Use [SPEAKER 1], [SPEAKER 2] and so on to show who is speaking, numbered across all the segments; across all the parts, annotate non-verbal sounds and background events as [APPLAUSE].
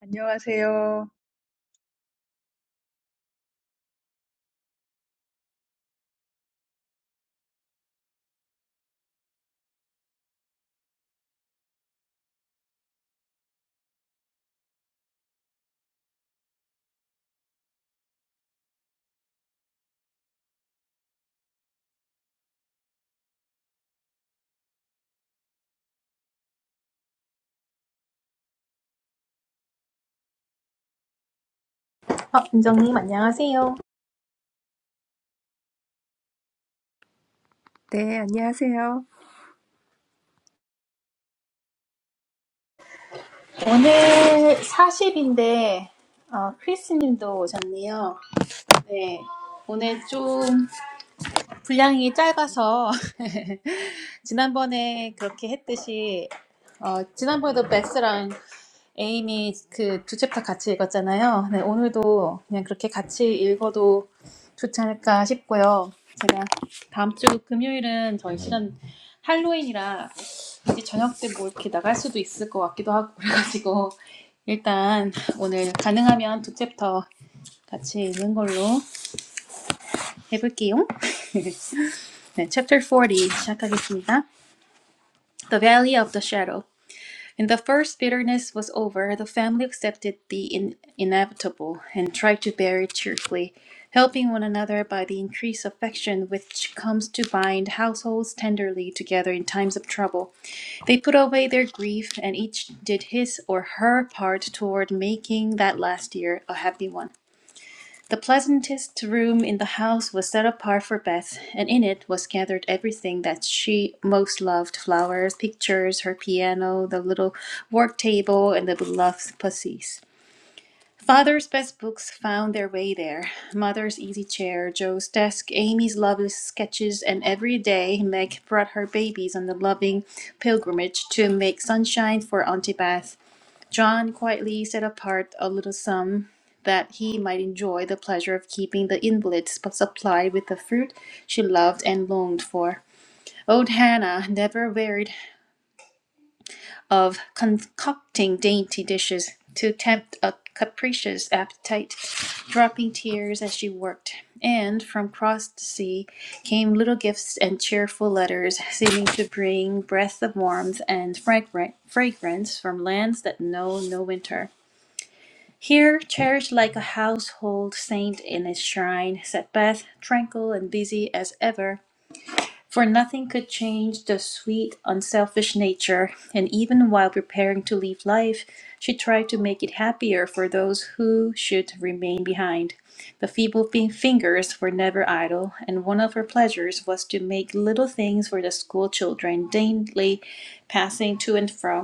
[SPEAKER 1] 안녕하세요.
[SPEAKER 2] 아, 은정님, 안녕하세요.
[SPEAKER 3] 네, 안녕하세요.
[SPEAKER 2] 오늘 40인데, 크리스님도 오셨네요. 네. 오늘 좀 분량이 짧아서 [LAUGHS] 지난번에 그렇게 했듯이 어, 지난번에도 베스랑 에임이 그 두 챕터 같이 읽었잖아요. 네, 오늘도 그냥 그렇게 같이 읽어도 좋지 않을까 싶고요. 제가 다음 주 금요일은 저희 실은 할로윈이라 이제 저녁 때 뭐 이렇게 나갈 수도 있을 것 같기도 하고 그래가지고 일단 오늘 가능하면 두 챕터 같이 읽는 걸로 해볼게요. [LAUGHS] 네, 챕터 40 시작하겠습니다. The Valley of the Shadow When the first bitterness was over, the family accepted the in- inevitable and tried to bear it cheerfully, helping one another by the increased affection which comes to bind households tenderly together in times of trouble. They put away their grief, and each did his or her part toward making that last year a happy one. The pleasantest room in the house was set apart for Beth, and in it was gathered everything that she most loved flowers, pictures, her piano, the little work table, and the beloved pussies. Father's best books found their way there mother's easy chair, Joe's desk, Amy's lovely sketches, and every day Meg brought her babies on the loving pilgrimage to make sunshine for Auntie Beth John quietly set apart a little sum that he might enjoy the pleasure of keeping the invalid sup- supplied with the fruit she loved and longed for. Old Hannah never wearied of concocting dainty dishes to tempt a capricious appetite, dropping tears as she worked. And from across the sea came little gifts and cheerful letters, seeming to bring breath of warmth and fragrant fragrance from lands that know no winter. Here, cherished like a household saint in its shrine, sat Beth, tranquil and busy as ever, for nothing could change the sweet, unselfish nature, and even while preparing to leave life, she tried to make it happier for those who should remain behind. The feeble fi- fingers were never idle, and one of her pleasures was to make little things for the school children, daintily passing to and fro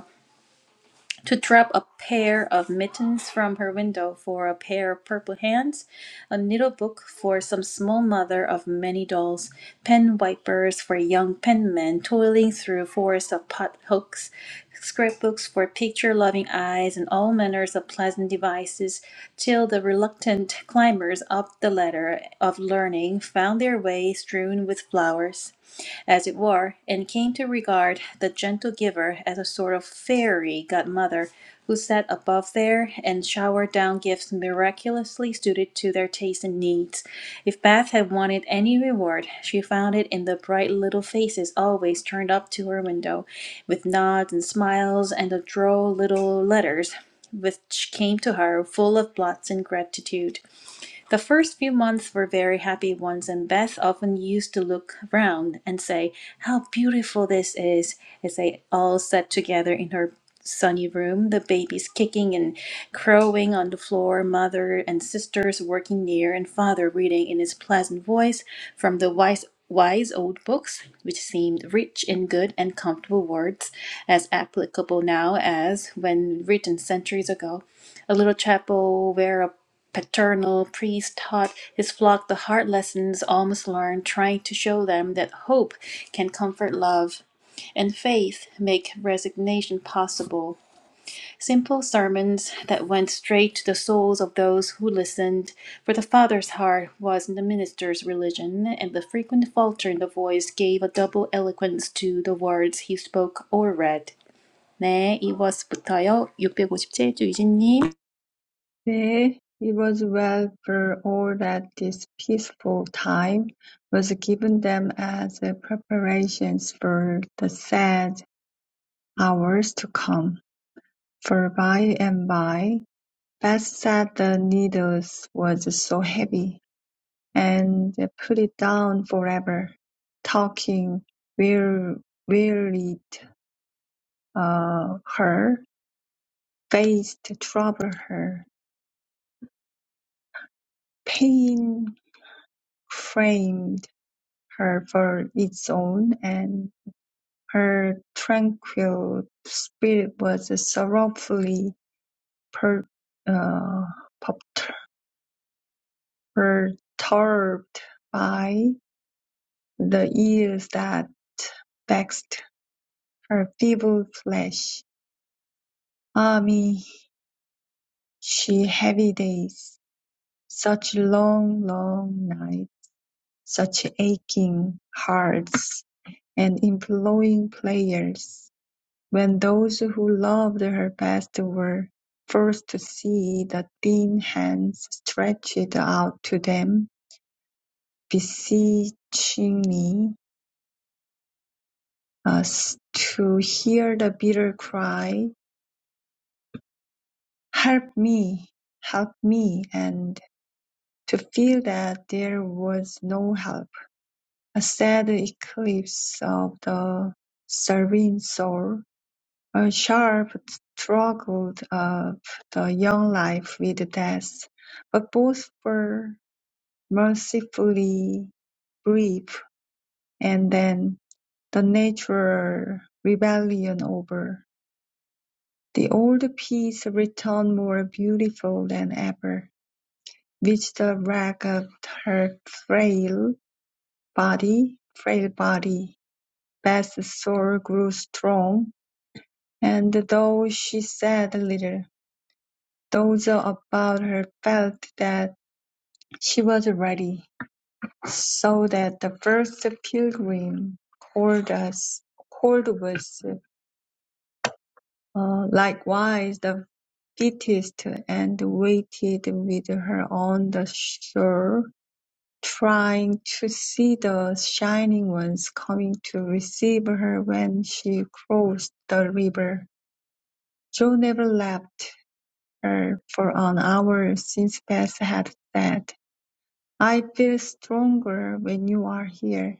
[SPEAKER 2] to drop a pair of mittens from her window for a pair of purple hands, a needle book for some small mother of many dolls, pen wipers for young penmen toiling through forests of pot hooks, scrapbooks for picture loving eyes, and all manners of pleasant devices, till the reluctant climbers up the ladder of learning found their way strewn with flowers as it were, and came to regard the gentle giver as a sort of fairy godmother who sat above there and showered down gifts miraculously suited to their tastes and needs. If Beth had wanted any reward, she found it in the bright little faces always turned up to her window, with nods and smiles and the droll little letters which came to her full of blots and gratitude. The first few months were very happy ones, and Beth often used to look round and say, How beautiful this is! as they all sat together in her sunny room, the babies kicking and crowing on the floor, mother and sisters working near, and father reading in his pleasant voice from the wise. Wise old books, which seemed rich in good and comfortable words, as applicable now as when written centuries ago, a little chapel where a paternal priest taught his flock the hard lessons almost learned, trying to show them that hope can comfort love and faith make resignation possible. Simple sermons that went straight to the souls of those who listened, for the father's heart was in the minister's religion, and the frequent falter in the voice gave a double eloquence to the words he spoke or read. 네, 이워스부터요. 육백오십칠 주 유진님.
[SPEAKER 1] 네, it was well for all that this peaceful time was given them as preparations for the sad hours to come. For by and by, Beth said the needles was so heavy and put it down forever. Talking wear- wearied uh, her, faced trouble her, pain framed. her for its own, and her tranquil spirit was sorrowfully per- uh, perturbed by the ills that vexed her feeble flesh. Ah me, she heavy days, such long, long nights, such aching hearts and imploring prayers. When those who loved her best were forced to see the thin hands stretched out to them beseechingly, us to hear the bitter cry, "Help me! Help me!" and to feel that there was no help, a sad eclipse of the serene soul. A sharp struggle of the young life with death, but both were mercifully brief, and then the natural rebellion over. The old peace returned more beautiful than ever, Which, the wreck of her frail body, frail body. Beth's soul grew strong, and though she said little, Those about her felt that she was ready, so that the first pilgrim called us called was uh, likewise the fittest, and waited with her on the shore, trying to see the shining ones coming to receive her when she crossed the river. Joe never left her for an hour since Beth had said. I feel stronger when you are here.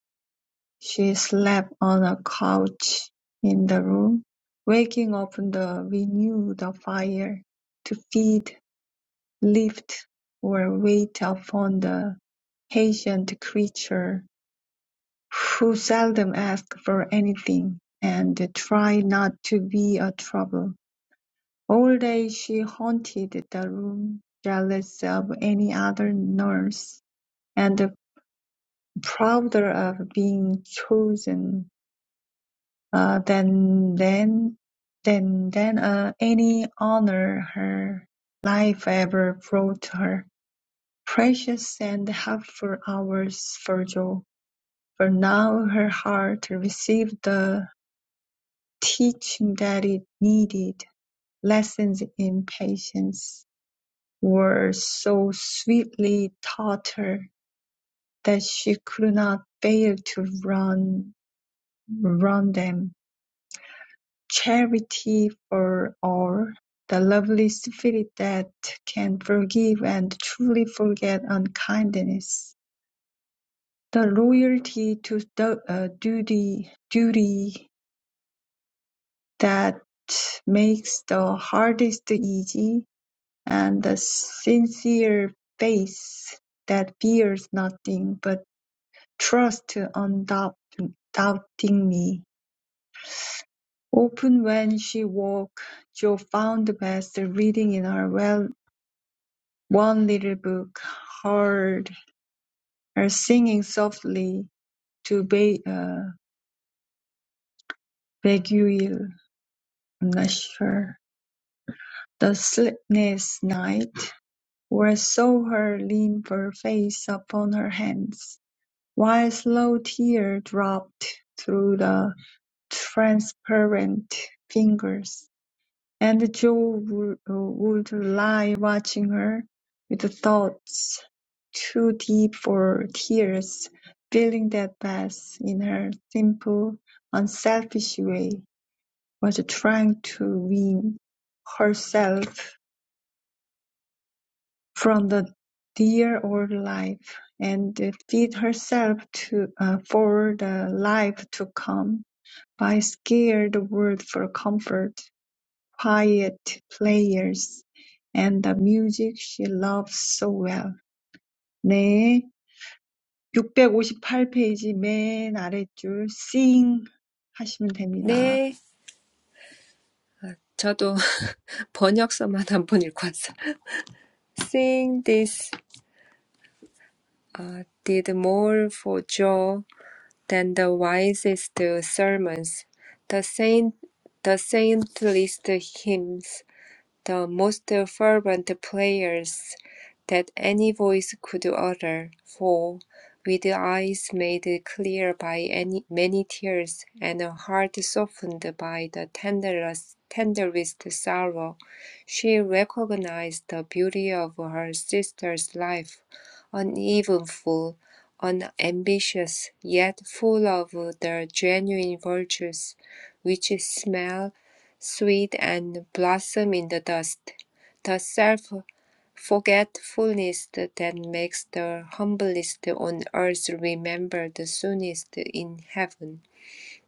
[SPEAKER 1] She slept on a couch in the room, waking up to renew the fire, to feed, lift, or wait upon the patient creature who seldom asked for anything and tried not to be a trouble. All day she haunted the room, jealous of any other nurse, and Prouder of being chosen uh, than than than than uh, any honor her life ever brought her. Precious and helpful hours, for Virgil, for now her heart received the teaching that it needed. Lessons in patience were so sweetly taught her that she could not fail to run run them. Charity for all, the lovely spirit that can forgive and truly forget unkindness, the loyalty to the, uh, duty, duty that makes the hardest easy, and the sincere faith that fears nothing but trust undoubting me. Often when she woke, Joe found Beth reading in her well One little book, heard her singing softly to Be- uh, Beguile, I'm not sure, the sleepless night, or saw her lean her face upon her hands, while slow tears dropped through the transparent fingers. And Joe would would lie watching her, with thoughts too deep for tears, feeling that Beth, in her simple, unselfish way, was trying to wean herself from the dear old life and feed herself to uh, for the life to come by scared word for comfort. quiet players and the music she loves so well. 네, 658 페이지 맨 아랫줄 sing 하시면 됩니다.
[SPEAKER 3] 네, 저도 [LAUGHS] 번역서만 한번 읽고 왔어요. Seeing this uh, did more for Joe than the wisest sermons, the saint, the saintliest hymns, the most fervent prayers that any voice could utter, for, with eyes made clear by any, many tears, and a heart softened by the tenderest, tenderest sorrow, she recognized the beauty of her sister's life, unevenful, unambitious, yet full of the genuine virtues which smell sweet and blossom in the dust. The self forgetfulness that makes the humblest on earth remembered soonest in heaven.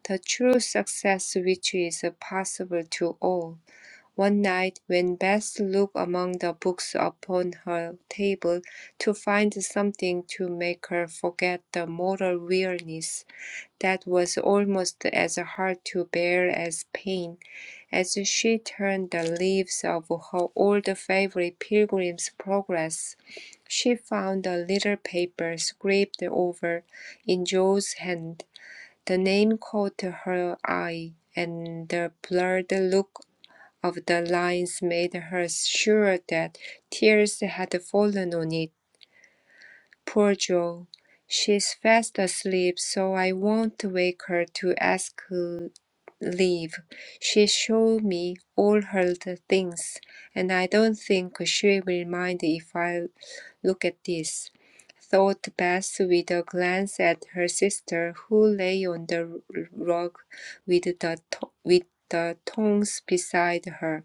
[SPEAKER 3] The true success which is possible to all. One night, when Beth looked among the books upon her table to find something to make her forget the moral weariness, that was almost as hard to bear as pain, as she turned the leaves of her old favorite Pilgrim's Progress. She found a little paper scribbled over in Joe's hand. The name caught her eye, and the blurred look of the lines made her sure that tears had fallen on it. Poor Jo! She's fast asleep, so I won't wake her to ask leave. She showed me all her things, and I don't think she will mind if I look at this, thought Beth, with a glance at her sister, who lay on the rug with the, with the tongs beside her,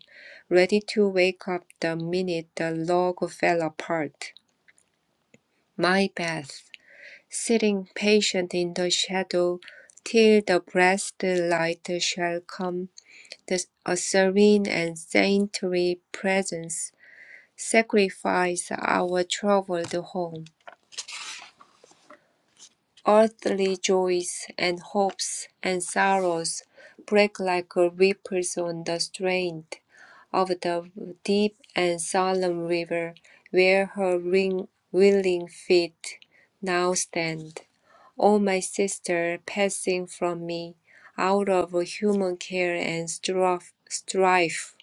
[SPEAKER 3] ready to wake up the minute the log fell apart. My Beth! sitting patient in the shadow till the blessed light shall come, the, a serene and saintly presence sacrifice our troubled home. Earthly joys and hopes and sorrows break like ripples on the strand of the deep and solemn river where her ring, willing feet now stand. O my sister, passing from me, out of human care and strife, strife,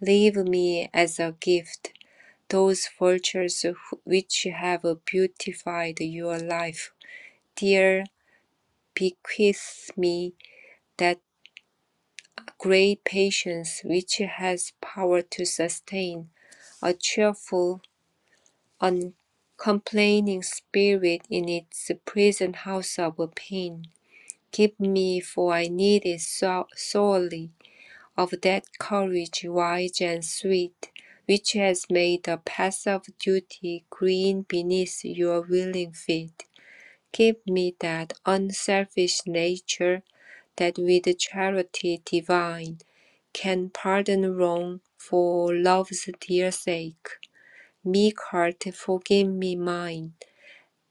[SPEAKER 3] leave me as a gift those virtues wh- which have beautified your life. Dear bequeaths me that great patience which has power to sustain, a cheerful, uncomplaining spirit in its prison house of pain. Give me, for I need it so sorely, of that courage wise and sweet, which has made the path of duty green beneath your willing feet. Give me that unselfish nature that with charity divine can pardon wrong for love's dear sake. Meek heart, forgive me mine.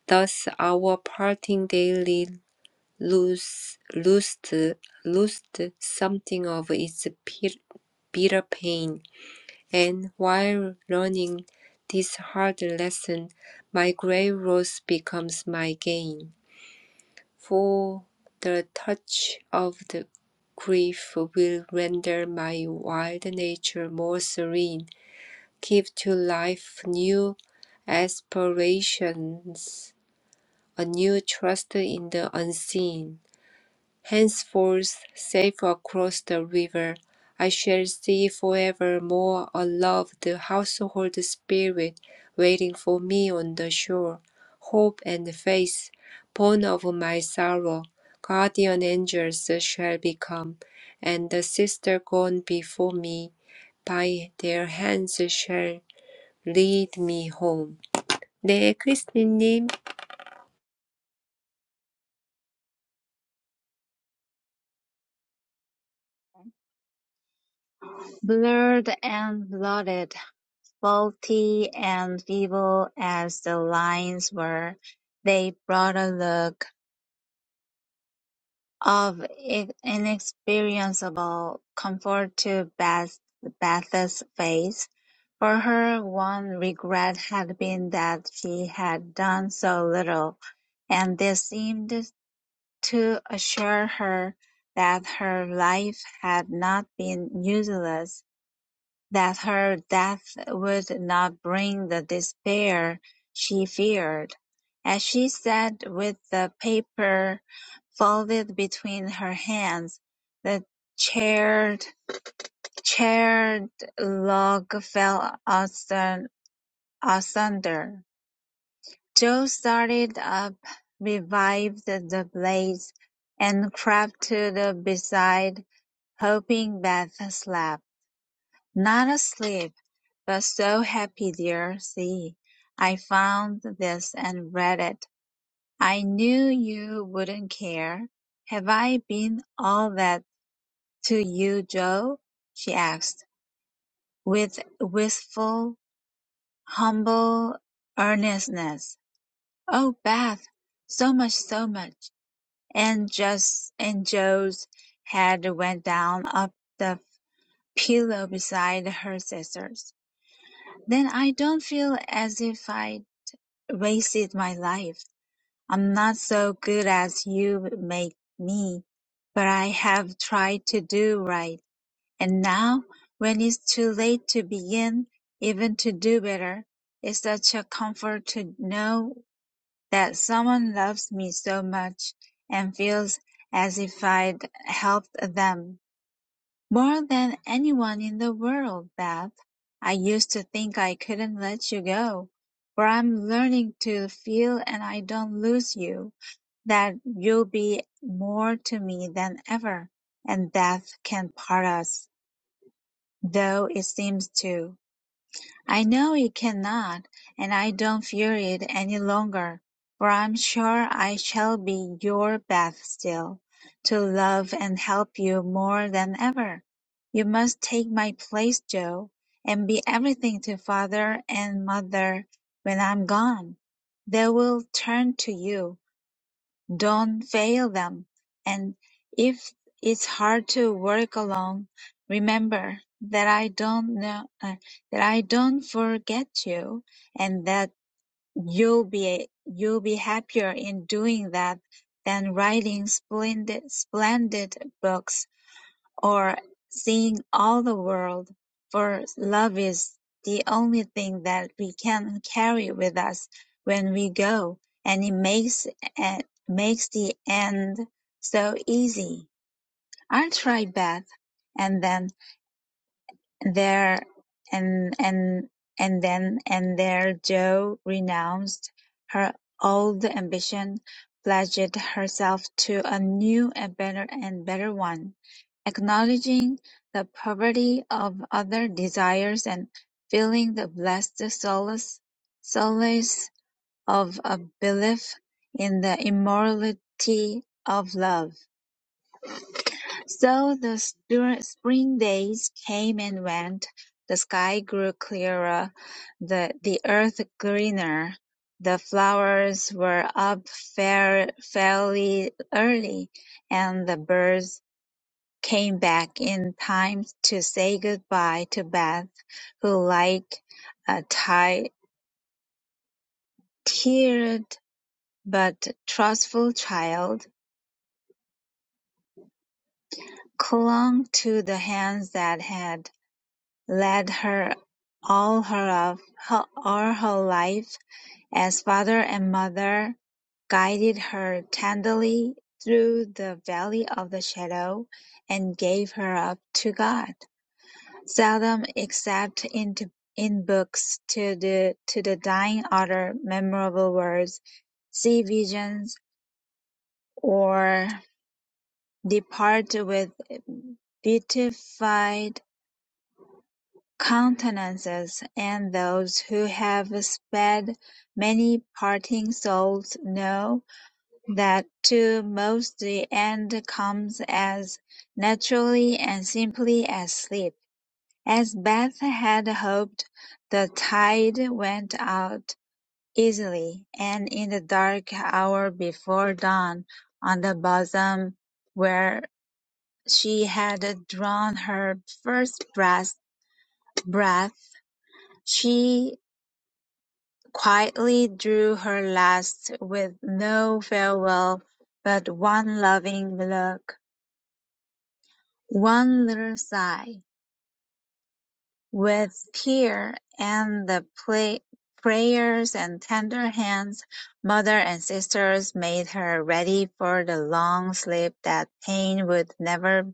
[SPEAKER 3] Thus our parting daily lose, lost, lost something of its bitter pain. And while learning this hard lesson, my grey rose becomes my gain. For the touch of the grief will render my wild nature more serene, give to life new aspirations, a new trust in the unseen. Henceforth, safe across the river, I shall see forevermore a loved household spirit waiting for me on the shore, hope and faith, born of my sorrow, guardian angels shall become, and the sister gone before me, by their hands shall lead me home. 네, 크리스티님.
[SPEAKER 4] Blurred and bloated, faulty and feeble as the lines were, they brought a look of i- inexpressible comfort to Beth, Beth's face. For her one regret had been that she had done so little, and this seemed to assure her that her life had not been useless. that her death would not bring the despair she feared, as she sat with the paper folded between her hands. The charred, charred log fell asun- asunder. Joe started up, revived the blaze, and crept to the bedside, hoping Beth slept. Not asleep. But so happy, dear C. I found this and read it. I knew you wouldn't care. Have I been all that to you, Joe? she asked, with wistful, humble earnestness. Oh, Beth, so much, so much. And just and Joe's head went down up the pillow beside her sister's. Then I don't feel as if I wasted my life. I'm not so good as you make me, but I have tried to do right. And now, when it's too late to begin, even to do better, it's such a comfort to know that someone loves me so much and feels as if I'd helped them. More than anyone in the world, Beth. I used to think I couldn't let you go, but I'm learning to feel and I don't lose you, that you'll be more to me than ever, and death can part us, though it seems to. I know you cannot, and I don't fear it any longer, for I'm sure I shall be your Beth still, to love and help you more than ever. You must take my place, Joe, and be everything to father and mother when I'm gone. They will turn to you. Don't fail them, and if it's hard to work alone, remember that I don't know, uh, that I don't forget you, and that you'll be you'll be happier in doing that than writing splendid splendid books or seeing all the world, for love is the only thing that we can carry with us when we go, and it makes it makes the end so easy. I'll try Beth, and then there and and and then and there Jo renounced her old ambition, pledged herself to a new and better and better one, acknowledging the poverty of other desires and feeling the blessed solace solace of a belief in the immortality of love. So the stir- spring days came and went, the sky grew clearer, the, the earth greener, the flowers were up fair, fairly early, and the birds came back in time to say goodbye to Beth, who like a ti- tired but trustful child clung to the hands that had. led her all her of her, all her life as father and mother guided her tenderly through the valley of the shadow and gave her up to God, seldom except in, in books to the, to the dying utter memorable words, see visions, or depart with beatified countenances, and those who have sped many parting souls know that to most the end comes as naturally and simply as sleep. As Beth had hoped, the tide went out easily, and in the dark hour before dawn, on the bosom where she had drawn her first breath, breath she quietly drew her last with no farewell but one loving look, one little sigh, with tear and the play- prayers and tender hands mother and sisters made her ready for the long sleep that pain would never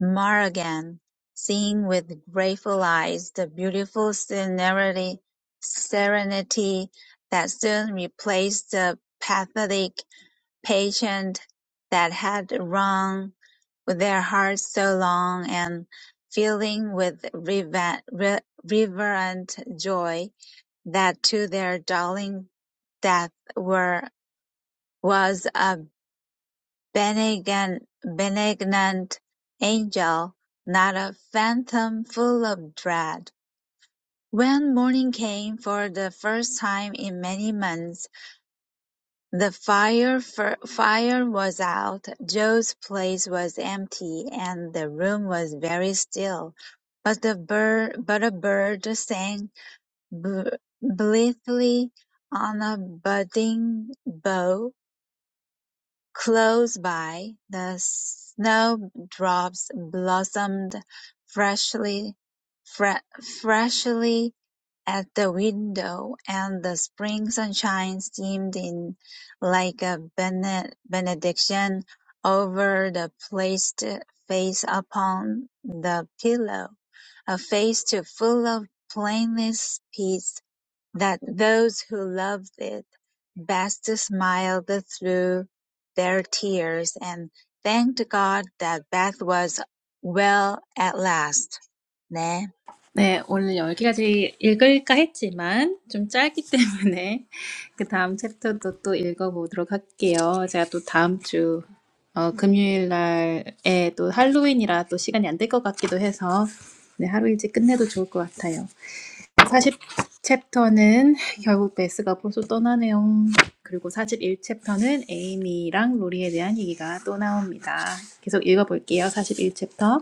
[SPEAKER 4] Morrigan, seeing with grateful eyes the beautiful serenity, serenity that soon replaced the pathetic patient that had wrung their hearts so long, and feeling with reva- re- reverent joy that to their darling death were was a. Benignant angel, not a phantom full of dread. When morning came for the first time in many months, the fire fire was out, Joe's place was empty, and the room was very still. But the bird, but a bird sang bl- blithely on a budding bough Close by, the snowdrops blossomed freshly fre- freshly at the window, and the spring sunshine streamed in like a bene- benediction over the placed face upon the pillow, a face too full of plainest peace that those who loved it best smiled through their tears and thanked God that Beth was well at last. 네.
[SPEAKER 2] 네, 오늘 여기까지 읽을까 했지만 좀 짧기 때문에 [LAUGHS] 그 다음 챕터도 또 읽어보도록 할게요. 제가 또 다음 주 어, 금요일 날에 또 할로윈이라 또 시간이 안 될 것 같기도 해서 네, 하루 일찍 끝내도 좋을 것 같아요. 40 챕터는 결국 베스가 벌써 떠나네요. 그리고 41 챕터는 에이미랑 로리에 대한 얘기가 또 나옵니다. 계속 읽어볼게요. 41 챕터.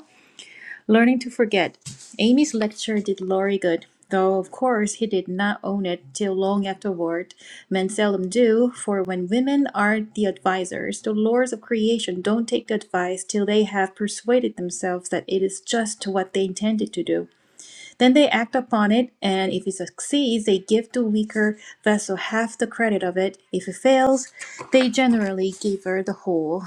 [SPEAKER 2] Learning to forget. Amy's lecture did Laurie good, though of course he did not own it till long afterward. Men seldom do, for when women are the advisers, the lords of creation don't take the advice till they have persuaded themselves that it is just what they intended to do. Then they act upon it, and if it succeeds, they give the weaker vessel half the credit of it. If it fails, they generally give her the whole.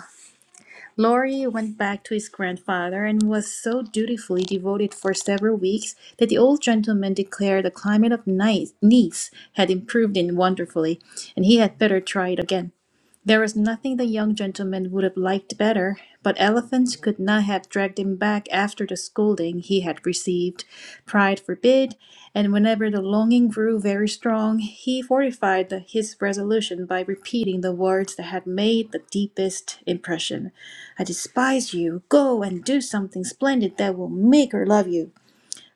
[SPEAKER 2] Laurie went back to his grandfather and was so dutifully devoted for several weeks that the old gentleman declared the climate of Ni- Nice had improved in wonderfully, and he had better try it again. There was nothing the young gentleman would have liked better, but elephants could not have dragged him back after the scolding he had received. Pride forbid, and whenever the longing grew very strong, he fortified the- his resolution by repeating the words that had made the deepest impression. I despise you. Go and do something splendid that will make her love you.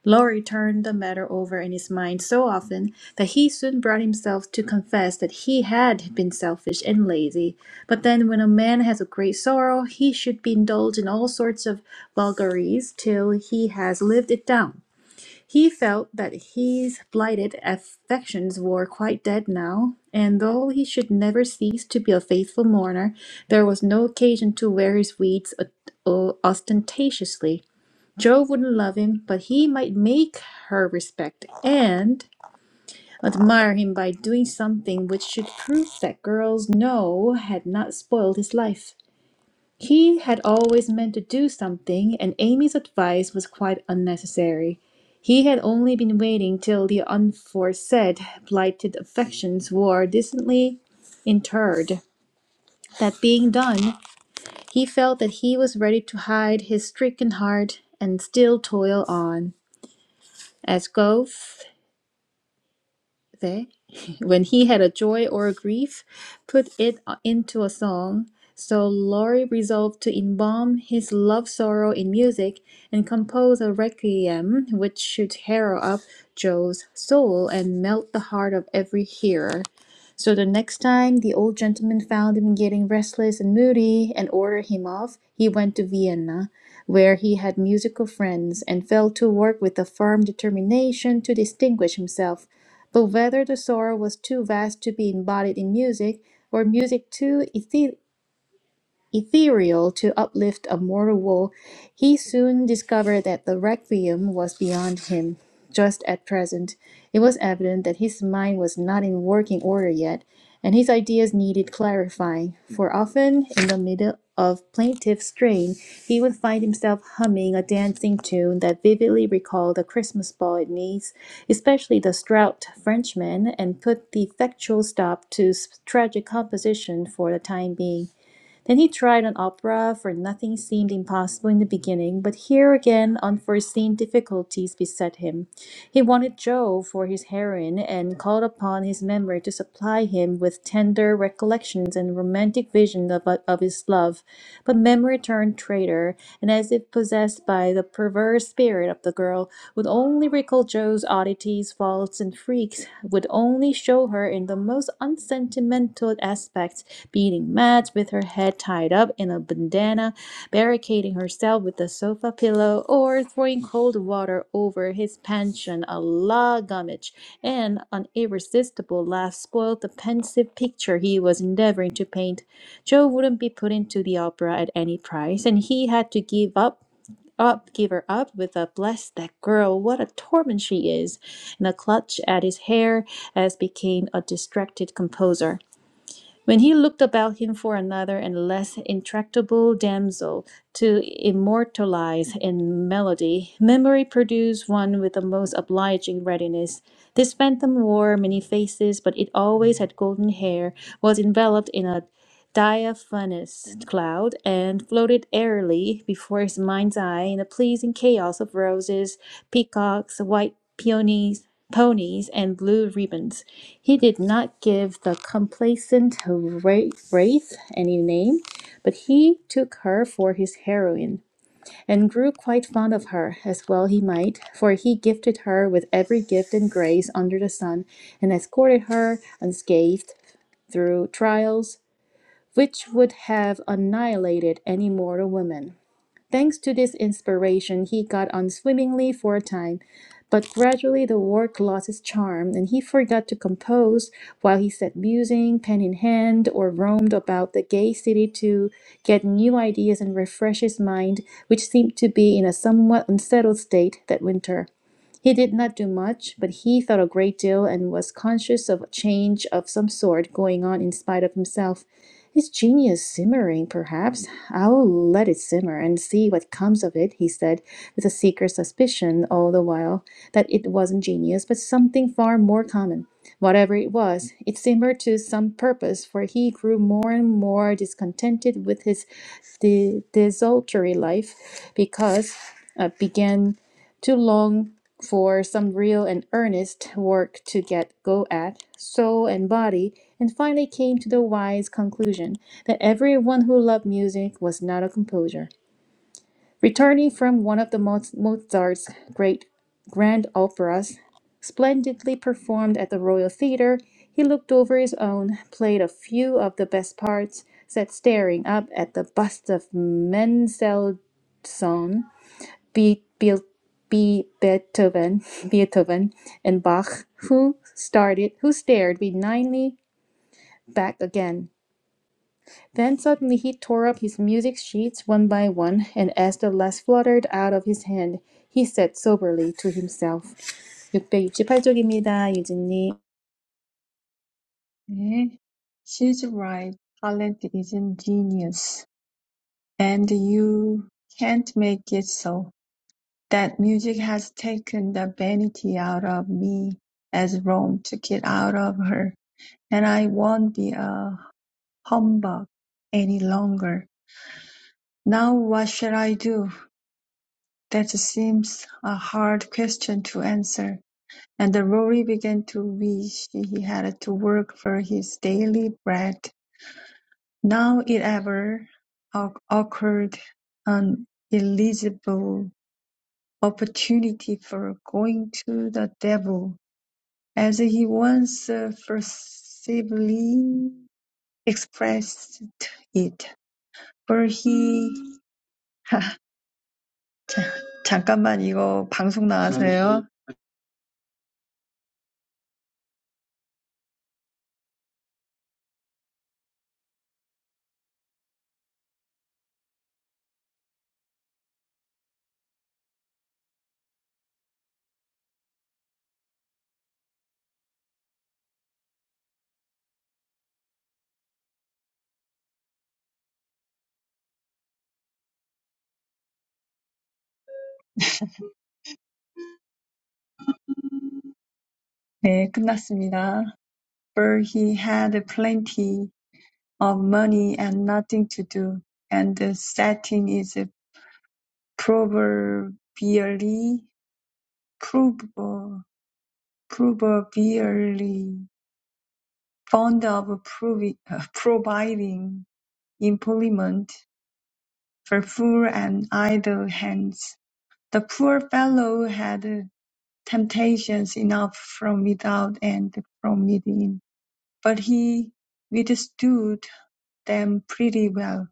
[SPEAKER 2] Lorry turned the matter over in his mind so often that he soon brought himself to confess that he had been selfish and lazy. But then, when a man has a great sorrow, he should be indulged in all sorts of vulgaries till he has lived it down. He felt that his blighted affections were quite dead now, and though he should never cease to be a faithful mourner, there was no occasion to wear his weeds o- o- ostentatiously. Jove wouldn't love him, but he might make her respect and admire him by doing something which should prove that girls know had not spoiled his life. He had always meant to do something, and Amy's advice was quite unnecessary. He had only been waiting till the unforesaid blighted affections were decently interred. That being done, he felt that he was ready to hide his stricken heart and still toil on. as Gove there, [LAUGHS] when he had a joy or a grief, put it into a song. So Laurie resolved to embalm his love sorrow in music and compose a requiem which should harrow up Joe's soul and melt the heart of every hearer. So the next time the old gentleman found him getting restless and moody and ordered him off, he went to Vienna, where he had musical friends and fell to work with a firm determination to distinguish himself but whether the sorrow was too vast to be embodied in music, or music too ethi- ethereal to uplift a mortal woe, he soon discovered that the requiem was beyond him. Just at present, it was evident that his mind was not in working order yet, and his ideas needed clarifying, for often in the middle of plaintive strain, he would find himself humming a dancing tune that vividly recalled the Christmas ball at Nice, especially the Strout Frenchman, and put the effectual stop to s- tragic composition for the time being. Then he tried an opera, for nothing seemed impossible in the beginning, but here again unforeseen difficulties beset him. He wanted Jo for his heroine, and called upon his memory to supply him with tender recollections and romantic visions of, of his love. But memory turned traitor, and as if possessed by the perverse spirit of the girl, would only recall Joe's oddities, faults, and freaks, would only show her in the most unsentimental aspects, beating mats with her head tied up in a bandana, barricading herself with a sofa pillow, or throwing cold water over his pension a la gummidge and an irresistible laugh spoiled the pensive picture he was endeavoring to paint. Joe wouldn't be put into the opera at any price, and he had to give up up give her up with a bless that girl what a torment she is and a clutch at his hair as became a distracted composer when he looked about him for another and less intractable damsel to immortalize in melody memory produced one with the most obliging readiness this phantom wore many faces but it always had golden hair was enveloped in a diaphanous cloud and floated airily before his mind's eye in a pleasing chaos of roses, peacocks, white peonies, ponies, and blue ribbons. He did not give the complacent wra- wraith any name, but he took her for his heroine, and grew quite fond of her, as well he might, for he gifted her with every gift and grace under the sun, and escorted her unscathed through trials which would have annihilated any mortal woman. Thanks to this inspiration, he got on swimmingly for a time, but gradually the work lost its charm, and he forgot to compose while he sat musing, pen in hand, or roamed about the gay city to get new ideas and refresh his mind, which seemed to be in a somewhat unsettled state that winter. He did not do much, but he thought a great deal and was conscious of a change of some sort going on in spite of himself. His genius simmering, perhaps. I'll let it simmer and see what comes of it, he said, with a secret suspicion all the while that it wasn't genius, but something far more common. Whatever it was, it simmered to some purpose, for he grew more and more discontented with his de- desultory life because uh, began to long for some real and earnest work to get go at, soul and body, and finally came to the wise conclusion that everyone who loved music was not a composer. Returning from one of the Mo- Mozart's great grand operas, splendidly performed at the Royal Theatre, he looked over his own, played a few of the best parts, sat staring up at the bust of Mendelssohn be, Be, Be Beethoven, [LAUGHS] Beethoven and Bach, who started, who stared benignly back again. Then suddenly he tore up his music sheets one by one, and as the last fluttered out of his hand, he said soberly to himself. 668쪽입니다, 유진님.
[SPEAKER 1] 네, she's right. Talent isn't genius, and you can't make it so. That music has taken the vanity out of me, as Rome took it out of her, and I won't be a humbug any longer. Now what shall I do? That seems a hard question to answer. And Rory began to wish he had to work for his daily bread. Now it ever oc- occurred an eligible opportunity for going to the devil, as he once uh, forcibly expressed it. For he [LAUGHS] 잠깐만 이거 방송 나가세요. 네, 끝났습니다. For he had plenty of money and nothing to do, and the setting is proverbially, proverb- proverbially fond of provi- uh, providing employment for poor and idle hands. The poor fellow had temptations enough from without and from within, but he withstood them pretty well.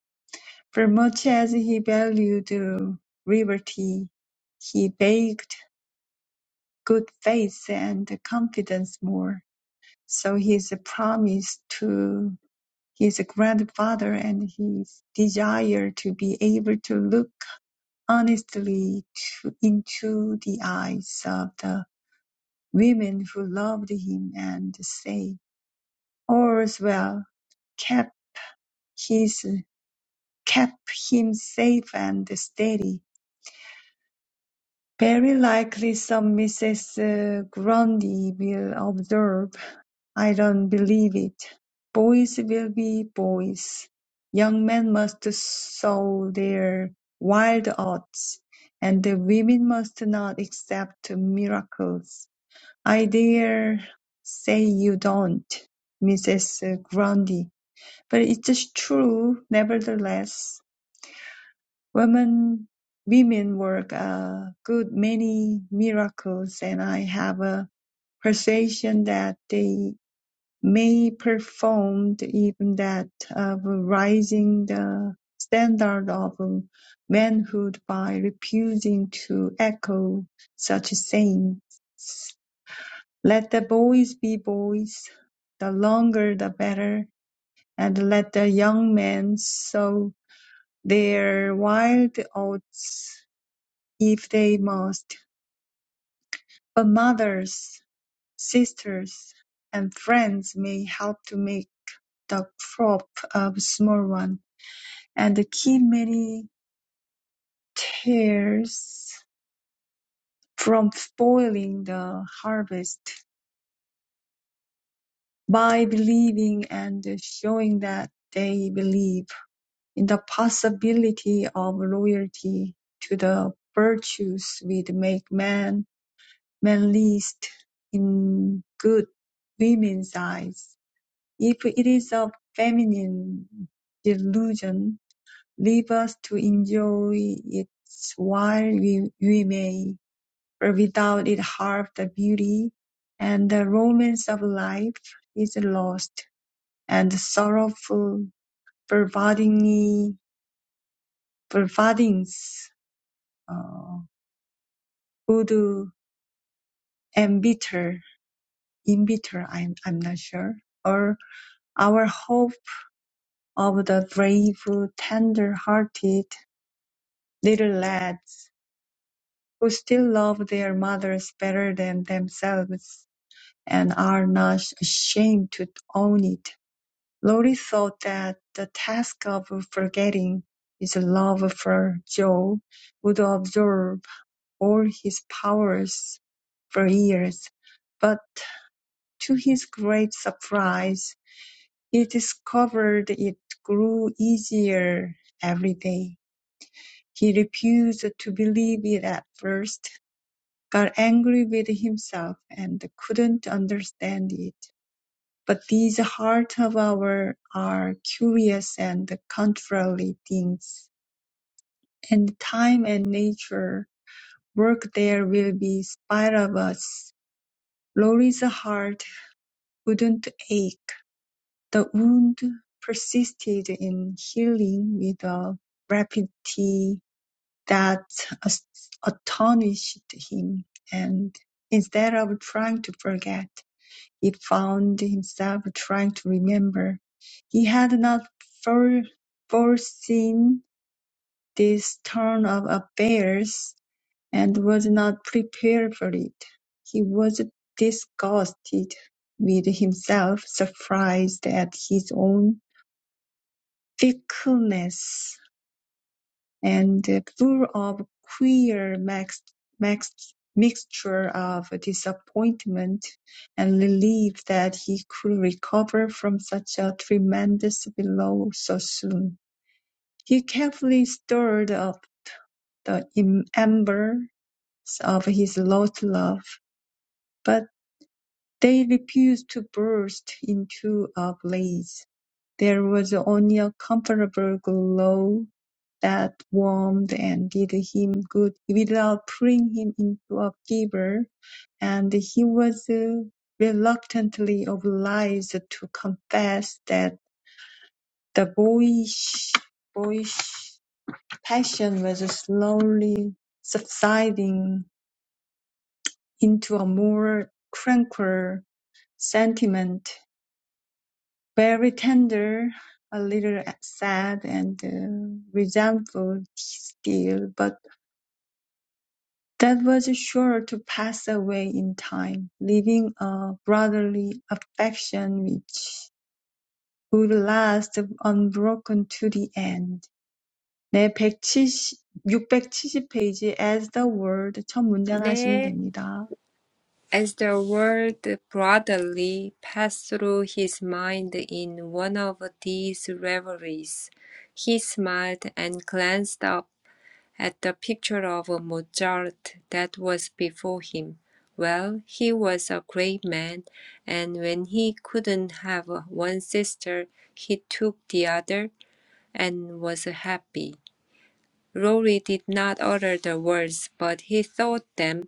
[SPEAKER 1] For much as he valued liberty, he valued good faith and confidence more. So his promise to his grandfather and his desire to be able to look honestly to, into the eyes of the women who loved him and say, all's well, kept his, kept him safe and steady Very likely some Mrs. Grundy will observe, "I don't believe it; boys will be boys; young men must sow their wild oats, and the women must not accept miracles." I dare say you don't, Mrs. Grundy, but it's true nevertheless. Women women work a good many miracles, and I have a perception that they may perform even that of rising the standard of manhood by refusing to echo such sayings: Let the boys be boys, the longer the better, and let the young men sow their wild oats if they must, but mothers, sisters, and friends may help to make the crop of small one, and keep many tares from spoiling the harvest by believing and showing that they believe in the possibility of loyalty to the virtues which make man, man least in good women's eyes. If it is a feminine delusion, leave us to enjoy it while we, we may, for without it half the beauty and the romance of life is lost, and the sorrowful pervading, pervadings uh, would embitter, embitter, I'm, I'm not sure, or our hope of the brave, tender-hearted little lads who still love their mothers better than themselves and are not ashamed to own it. Lori thought that the task of forgetting his love for Joe would absorb all his powers for years, but to his great surprise, he discovered it grew easier every day. He refused to believe it at first got angry with himself and couldn't understand it. But these hearts of ours are curious and contrary things, and time and nature work there will be spite of us. Lori's heart wouldn't ache. The wound persisted in healing with a rapidity that astonished him, and instead of trying to forget. It found himself trying to remember. He had not fore- foreseen this turn of affairs and was not prepared for it. He was disgusted with himself, surprised at his own fickleness. and uh, full of queer max, max, mixture of disappointment and relief that he could recover from such a tremendous blow so soon. He carefully stirred up the embers of his lost love, but. They refused to burst into a blaze. There was only a comfortable glow that warmed and did him good without putting him into a fever, and he was uh, reluctantly obliged to confess that the boyish, boyish passion was slowly subsiding into a more tranquil sentiment very tender, a little sad and uh, resentful still, but that was sure to pass away in time, leaving a brotherly affection which would last unbroken to the end. 네, 170, 670 페이지 as the world 첫 문장 하시면
[SPEAKER 3] 네.
[SPEAKER 1] 됩니다.
[SPEAKER 3] As the word "brotherly" passed through his mind in one of these reveries, he smiled and glanced up at the picture of Mozart that was before him. Well, he was a great man, and when he couldn't have one sister, he took the other, and was happy. Rory did not utter the words, but he thought them,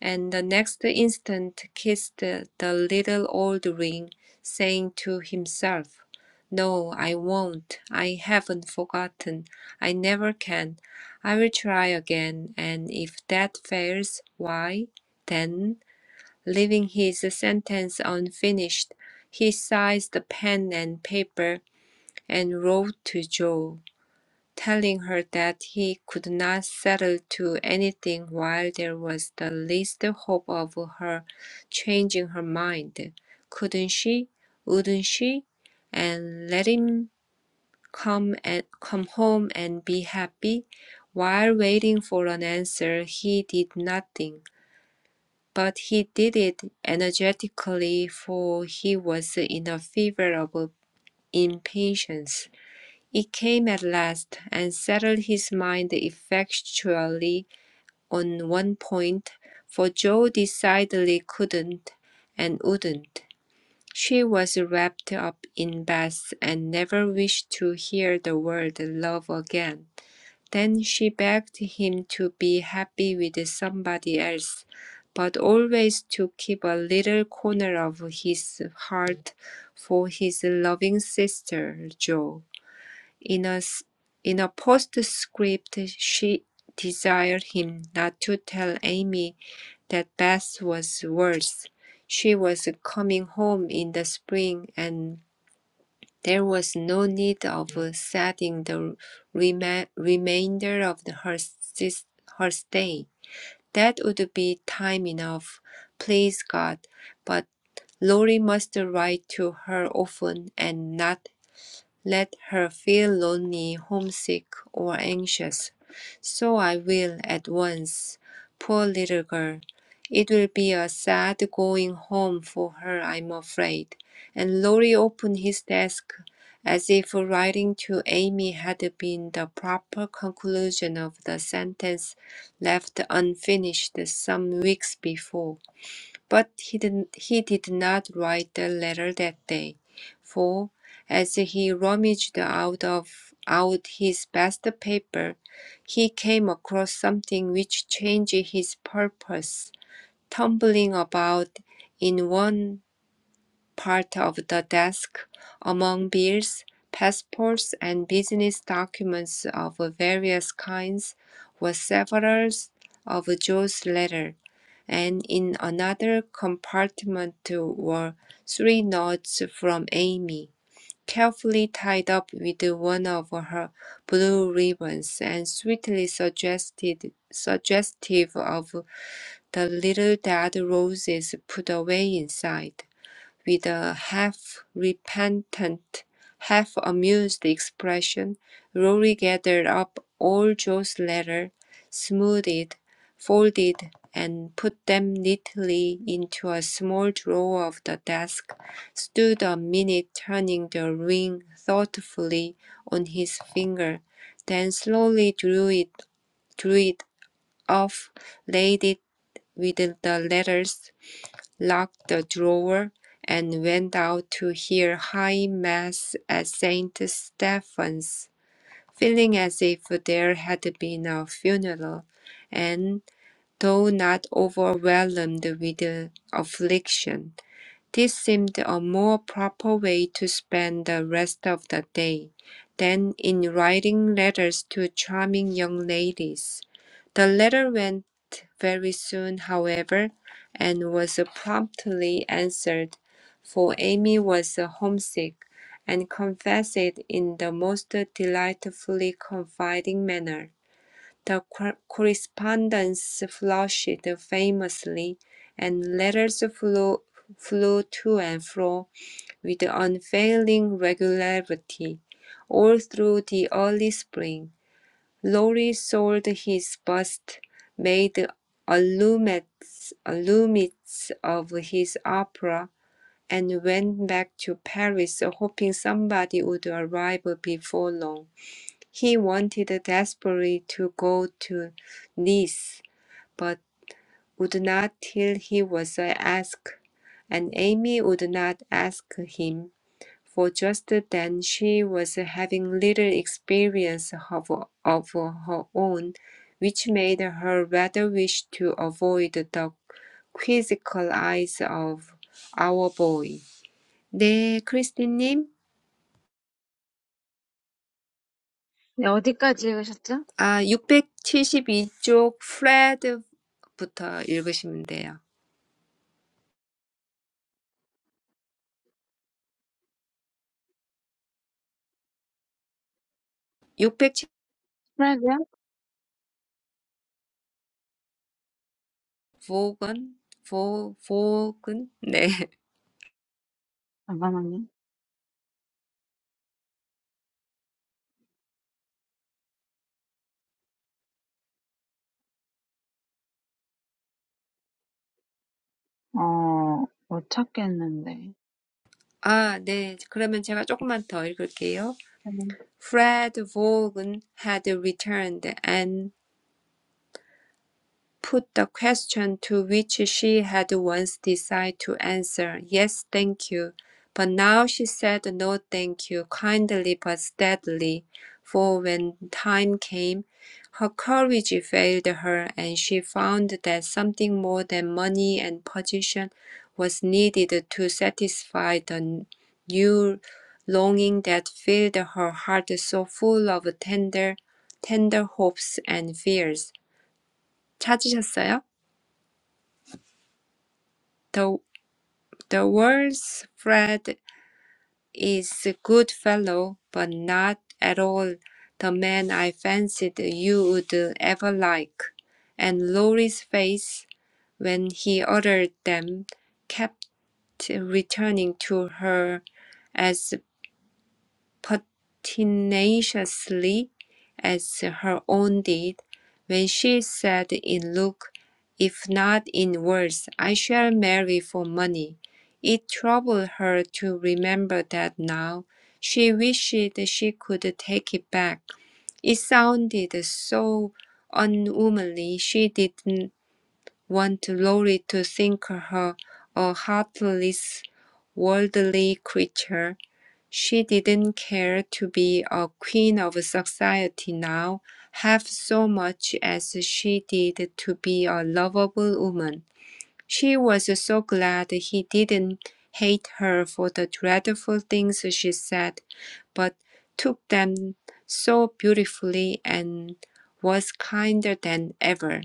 [SPEAKER 3] and the next instant kissed the little old ring, saying to himself, No, I won't. I haven't forgotten. I never can. I will try again, and if that fails, why, then, leaving his sentence unfinished, he seized the pen and paper and wrote to Joe telling her that he could not settle to anything while there was the least hope of her changing her mind. Couldn't she? Wouldn't she? And let him come and come home and be happy. While waiting for an answer, he did nothing, but he did it energetically, for he was in a fever of impatience. It came at last, and settled his mind effectually on one point, for Joe decidedly couldn't and wouldn't. She was wrapped up in Beth and never wished to hear the word love again. Then she begged him to be happy with somebody else, but always to keep a little corner of his heart for his loving sister, Jo. In a in a postscript, she desired him not to tell Amy that Beth was worse. She was coming home in the spring, and there was no need of setting the rema- remainder of her, her stay. That would be time enough, please God. But Lori must write to her often and not let her feel lonely, homesick, or anxious. So I will at once. Poor little girl. It will be a sad going home for her, I'm afraid. And Lorry opened his desk as if writing to Amy had been the proper conclusion of the sentence left unfinished some weeks before. But he did, he did not write the letter that day, for as he rummaged out of out his best paper, he came across something which changed his purpose. Tumbling about in one part of the desk, among bills, passports, and business documents of various kinds, were several of Joe's letters, and in another compartment were three notes from Amy, carefully tied up with one of her blue ribbons, and sweetly suggested, suggestive of the little dead roses put away inside with a half repentant, half amused expression, Rory gathered up all Joe's letters, smoothed it, folded, and put them neatly into a small drawer of the desk, stood a minute turning the ring thoughtfully on his finger, then slowly drew it, drew it off, laid it with the letters locked the drawer, and went out to hear High Mass at St. Stephen's, feeling as if there had been a funeral, and, though not overwhelmed with affliction, this seemed a more proper way to spend the rest of the day than in writing letters to charming young ladies. The letter went very soon, however, and was promptly answered, for Amy was homesick and confessed it in the most delightfully confiding manner. The cor- correspondence flourished famously, and letters flew, flew to and fro with unfailing regularity. All through the early spring, Lorry sold his bust, made allumettes allurements of his opera, and went back to Paris, hoping somebody would arrive before long. He wanted desperately to go to Nice, but would not till he was asked, and Amy would not ask him, for just then she was having little experience of, of her own, which made her rather wish to avoid the quizzical eyes of our boy. 네, 크리스티님.
[SPEAKER 4] 네, 어디까지 읽으셨죠?
[SPEAKER 3] 아, 672쪽 Fred 부터 읽으시면 돼요. 육백칠십오
[SPEAKER 4] 프레드요?
[SPEAKER 3] 권, Vaughan? 네.
[SPEAKER 4] 잠깐만요. 어, 못 찾겠는데.
[SPEAKER 3] 아, 네. 그러면 제가 조금만 더 읽을게요. Fred Vaughan had returned, and. put the question to which she had once decided to answer, Yes, thank you. But now she said no, thank you, kindly but steadily, for when time came, her courage failed her and she found that something more than money and position was needed to satisfy the new longing that filled her heart so full of tender, tender hopes and fears. 찾으셨어요? The, the world's Fred is a good fellow, but not at all the man I fancied you would ever like. And Laurie's face, when he uttered them, kept returning to her as pertinaciously as her own did, when she said in look, if not in words, I shall marry for money. It troubled her to remember that now. She wished she could take it back. It sounded so unwomanly. She didn't want Lori to think her a heartless, worldly creature she didn't care to be a queen of society now half so much as she did to be a lovable woman. She was so glad he didn't hate her for the dreadful things she said, but took them so beautifully and was kinder than ever.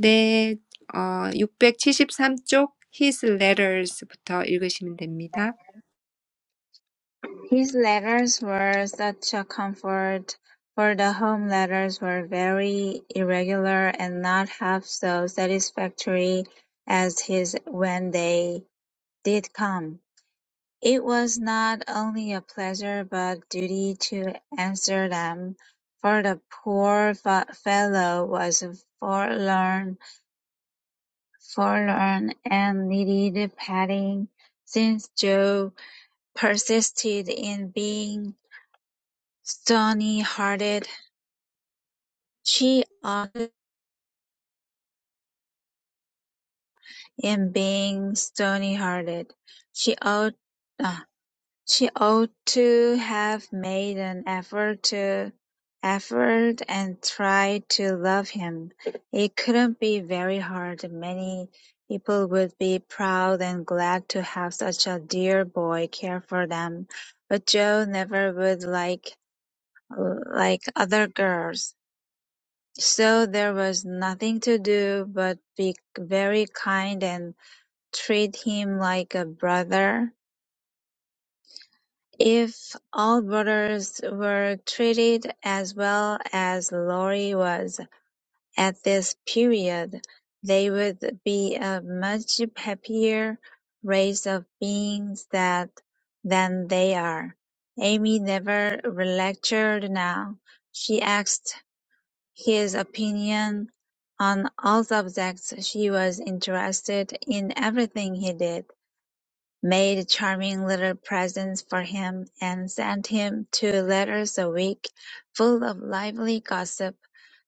[SPEAKER 3] 네, 어, 육백칠십삼 쪽 his letters부터 읽으시면 됩니다.
[SPEAKER 4] His letters were such a comfort, for the home letters were very irregular and not half so satisfactory as his when they did come, it was not only a pleasure but duty to answer them, for the poor fe- fellow was forlorn, forlorn and needed petting, since Joe persisted in being stony-hearted. She ought in being stony-hearted. She ought. Uh, She ought to have made an effort to effort and tried to love him. It couldn't be very hard. Many people would be proud and glad to have such a dear boy care for them, but Jo never would like like other girls. So there was nothing to do but be very kind and treat him like a brother. If all brothers were treated as well as Lori was at this period, they would be a much happier race of beings that than they are. Amy never lectured now. She asked his opinion on all subjects. She was interested in everything he did made charming little presents for him and sent him two letters a week full of lively gossip,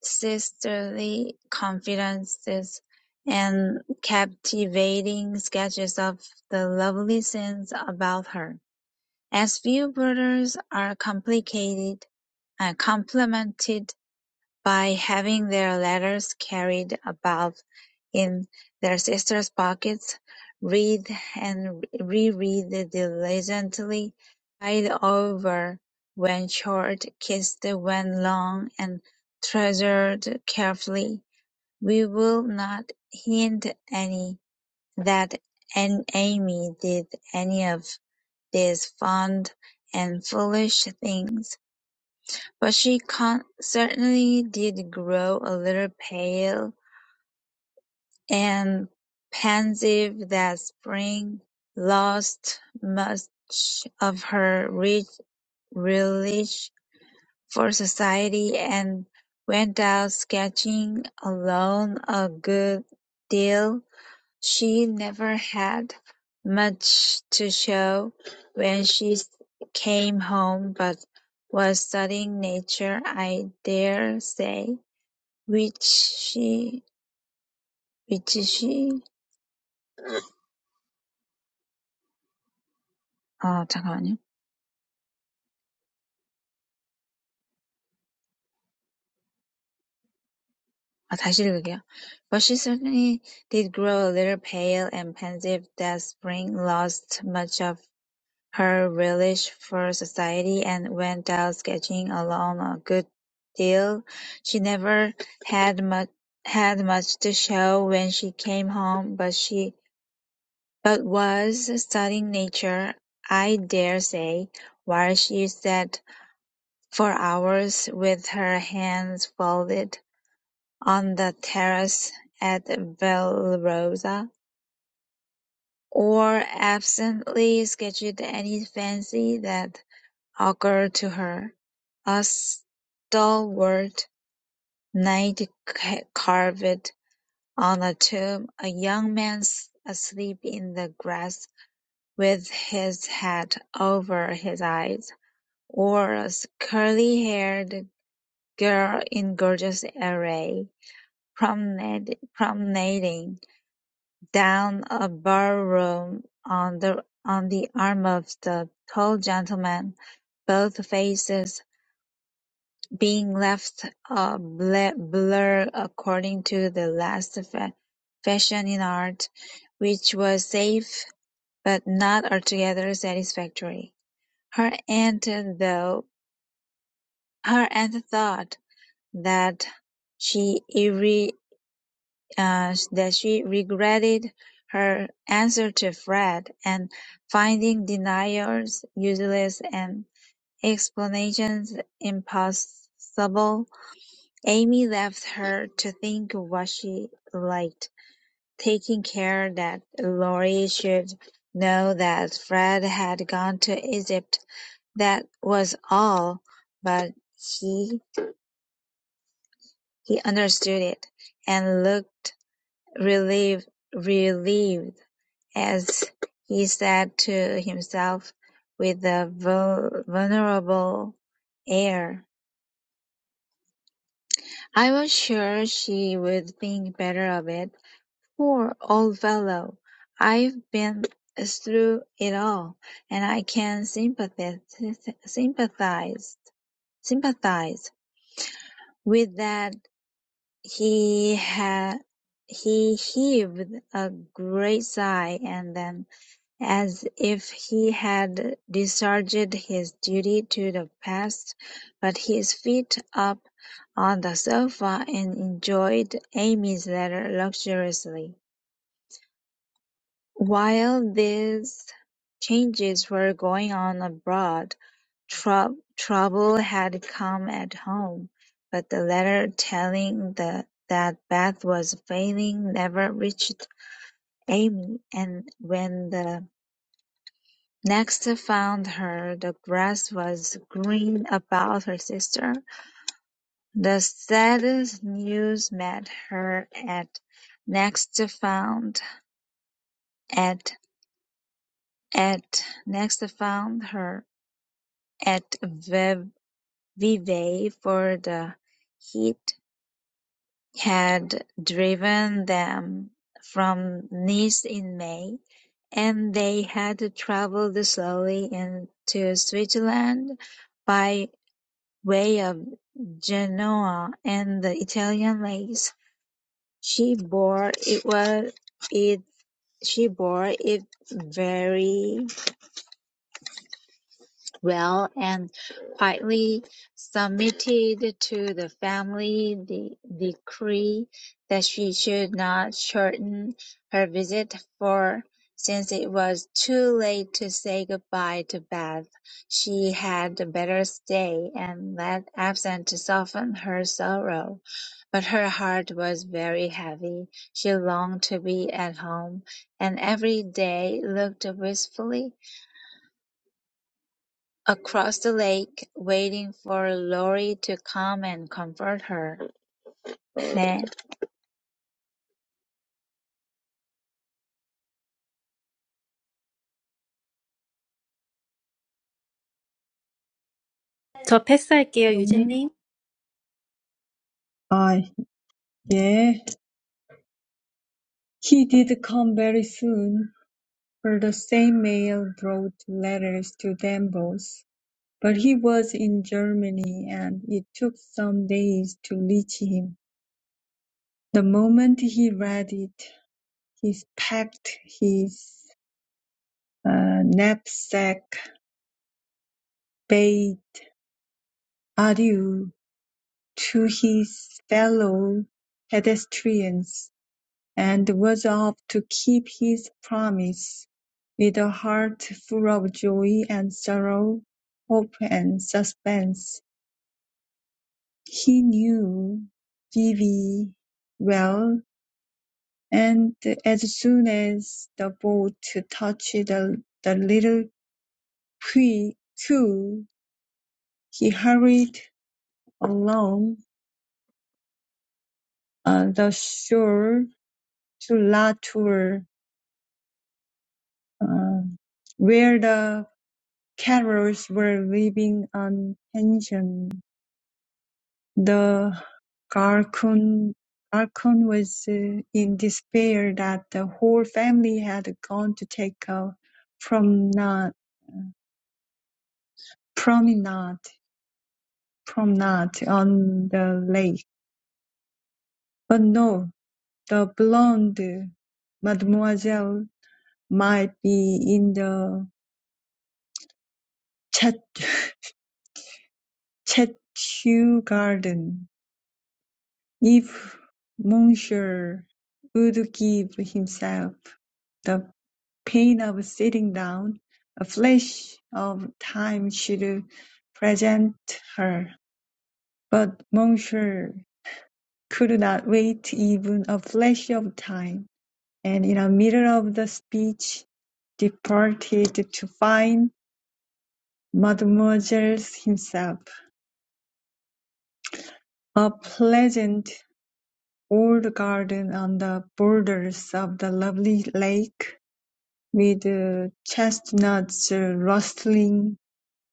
[SPEAKER 4] sisterly confidences, and captivating sketches of the lovely scenes about her. As few brothers are complicated, uh, complimented by having their letters carried about in their sisters' pockets, read and reread diligently, eyed over when short, kissed when long, and treasured carefully. We will not hint any that an Amy did any of these fond and foolish things. But she con- certainly did grow a little pale and pensive that spring, lost much of her rich relish for society, and went out sketching alone a good deal. She never had much to show when she came home, but was studying nature, I dare say which which she 아 잠깐만요. 아 다시 읽을게요. But she certainly did grow a little pale and pensive that spring, lost much of her relish for society, and went out sketching alone a good deal. She never had much had much to show when she came home, but she but was studying nature, I dare say, while she sat For hours, with her hands folded, on the terrace at Valrosa, or absently sketched any fancy that occurred to her, a stalwart knight carved on a tomb a young man asleep in the grass with his hat over his eyes, or a curly-haired girl in gorgeous array. promenade- promenading down a ballroom on the on the arm of the tall gentleman, both faces being left a blur according to the last fa- fashion in art, which was safe but not altogether satisfactory. Her aunt, though, her aunt thought that she irre- uh, that she regretted her answer to Fred and finding denials useless and explanations impossible. Amy left her to think what she liked, taking care that Laurie should know that Fred had gone to Egypt. That was all, but he he understood it and looked relieved relieved As he said to himself with a vulnerable air, "I was sure she would think better of it. Poor old fellow, I've been through it all, and I can sympathize sympathize sympathize with that." He had he heaved a great sigh and then as if he had discharged his duty to the past, put his feet up on the sofa and enjoyed Amy's letter luxuriously. While these changes were going on abroad, trou- trouble had come at home, but the letter telling the, that Beth was failing never reached Amy, and when the Next found her the grass was green about her sister. The saddest news met her at next found at at next found her at Vevey for the heat had driven them from Nice in May, and they had travelled slowly into Switzerland by way of Genoa and the Italian lakes. She bore it was it she bore it very well and quietly submitted to the family de- decree that she should not shorten her visit for since it was too late to say goodbye to Beth, she had better stay and let absence soften her sorrow. But her heart was very heavy. She longed to be at home, and every day looked wistfully across the lake, waiting for Laurie to come and comfort her. 네.
[SPEAKER 2] 저 패스할게요,
[SPEAKER 1] 영님?
[SPEAKER 2] 유진님.
[SPEAKER 1] 아, 예. He did come very soon, for the same mail wrote letters to them both, but he was in Germany and it took some days to reach him. The moment he read it, he packed his uh, knapsack, bade adieu to his fellow pedestrians, and resolved to keep his promise with a heart full of joy and sorrow, hope and suspense. He knew Vivi well, and as soon as the boat touched the, the little quay, he hurried along uh, the shore to La Tour, uh, where the Carols were leaving on pension; the Garcon Garcon was uh, in despair that the whole family had gone to take a promenade promenade, promenade on the lake. But no, the blonde Mademoiselle might be in the Château garden. If Monsieur would give himself the pain of sitting down, a flash of time should present her. But Monsieur could not wait even a flash of time, and in the middle of the speech departed to find Mademoiselle himself. A pleasant old garden on the borders of the lovely lake with the chestnuts uh, rustling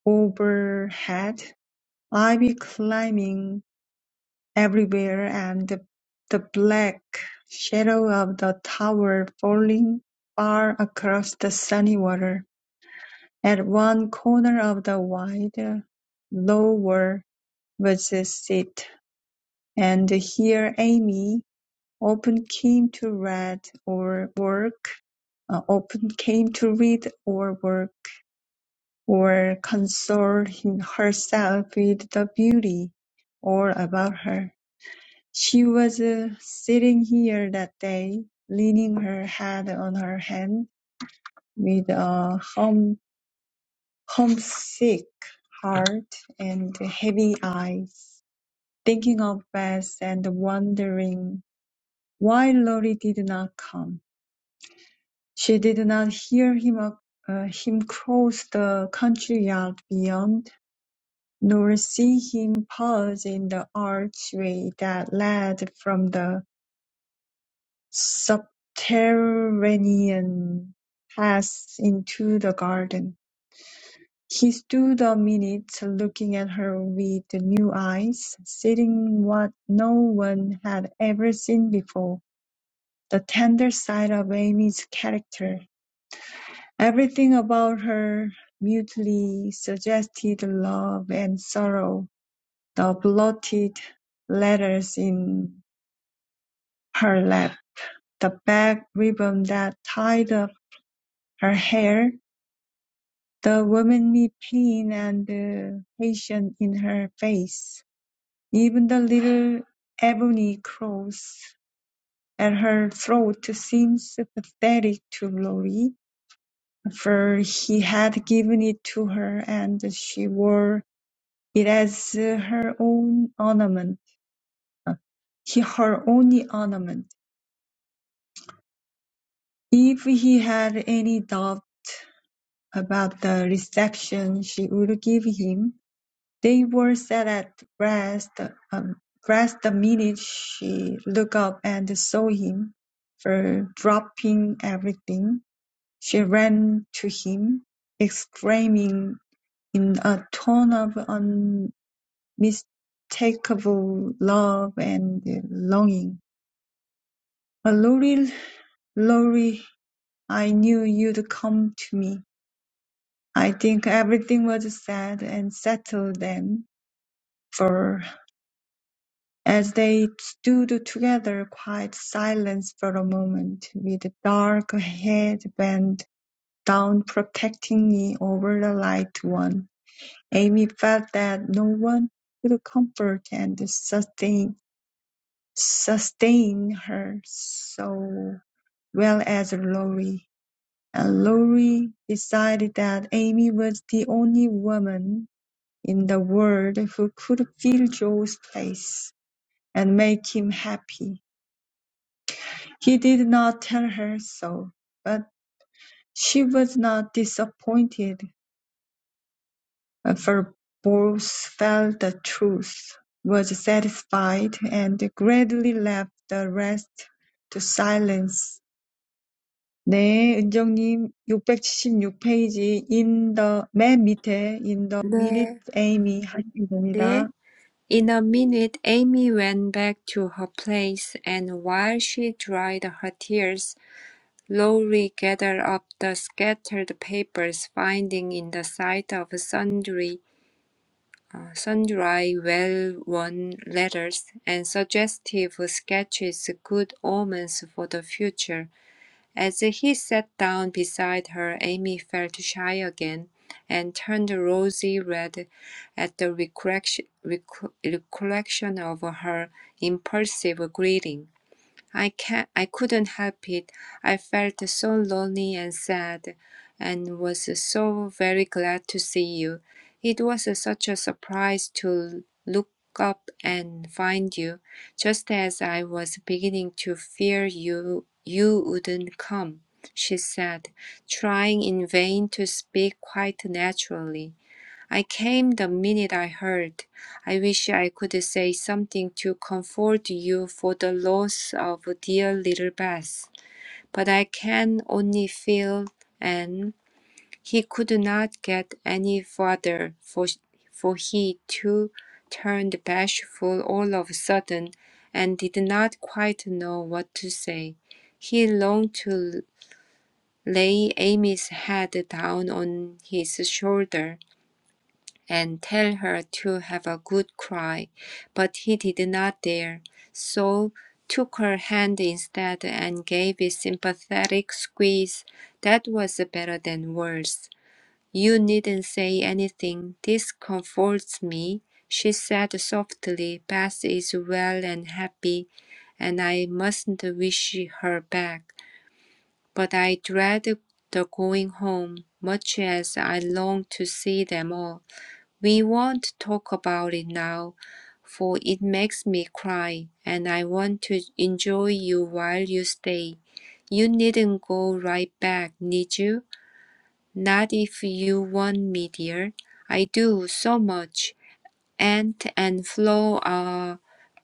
[SPEAKER 1] overhead, ivy climbing everywhere, and the the black shadow of the tower falling far across the sunny water. At one corner of the wide uh, lower was a seat, and here Amy often came to read or work, uh, often came to read or work or console herself with the beauty all about her. She was uh, sitting here that day, leaning her head on her hand, with a home, homesick heart and heavy eyes, thinking of Beth and wondering why Lori did not come. She did not hear him up, uh, him cross the country yard beyond nor see him pause in the archway that led from the subterranean pass into the garden. He stood a minute looking at her with new eyes, seeing what no one had ever seen before, the tender side of Amy's character. Everything about her mutely suggested love and sorrow The blotted letters in her lap, the black ribbon that tied up her hair, the womanly pain and passion in her face. Even the little ebony cross at her throat seemed pathetic to Lori, for he had given it to her and she wore it as her own ornament, her only ornament. If he had any doubt about the reception she would give him, they were set at rest, um, rest the minute she looked up and saw him. For dropping everything, she ran to him, exclaiming in a tone of unmistakable love and longing, "Oh, Laurie, Laurie, I knew you'd come to me. I think everything was said and settled then, for as they stood together, quite silent for a moment, with the dark head bent down protectingly over the light one, Amy felt that no one could comfort and sustain, sustain her so well as Lori. And Lori decided that Amy was the only woman in the world who could fill Joe's place and make him happy. He did not tell her so, but she was not disappointed, uh, for both felt the truth, was satisfied, and gradually left the rest to silence. 네, 은정님, 676페이지, in the, 맨 밑에, in the minute,
[SPEAKER 3] 네,
[SPEAKER 1] Amy 하시면
[SPEAKER 3] 네.
[SPEAKER 1] 됩니다.
[SPEAKER 3] In a minute Amy ran back to her place, and while she dried her tears, Lowrie gathered up the scattered papers, finding in the sight of sundry uh, sundry well-worn letters and suggestive sketches good omens for the future. As he sat down beside her, Amy felt shy again and turned rosy red at the recollection, of her impulsive greeting. I can not I couldn't help it. I felt so lonely and sad, and was so very glad to see you. It was such a surprise to look up and find you, just as I was beginning to fear you you wouldn't come, she said, trying in vain to speak quite naturally. I came the minute I heard. I wish I could say something to comfort you for the loss of dear little Bess, but I can only feel and he could not get any farther for, for he too turned bashful all of a sudden and did not quite know what to say. He longed to lay Amy's head down on his shoulder and tell her to have a good cry, but he did not dare, so took her hand instead and gave a sympathetic squeeze that was better than words. You needn't say anything. This comforts me, she said softly. Beth is well and happy, and I mustn't wish her back. But I dread the going home, much as I long to see them all. We won't talk about it now, for it makes me cry, and I want to enjoy you while you stay. You needn't go right back, need you? Not if you want me, dear. I do so much. Aunt and Flo are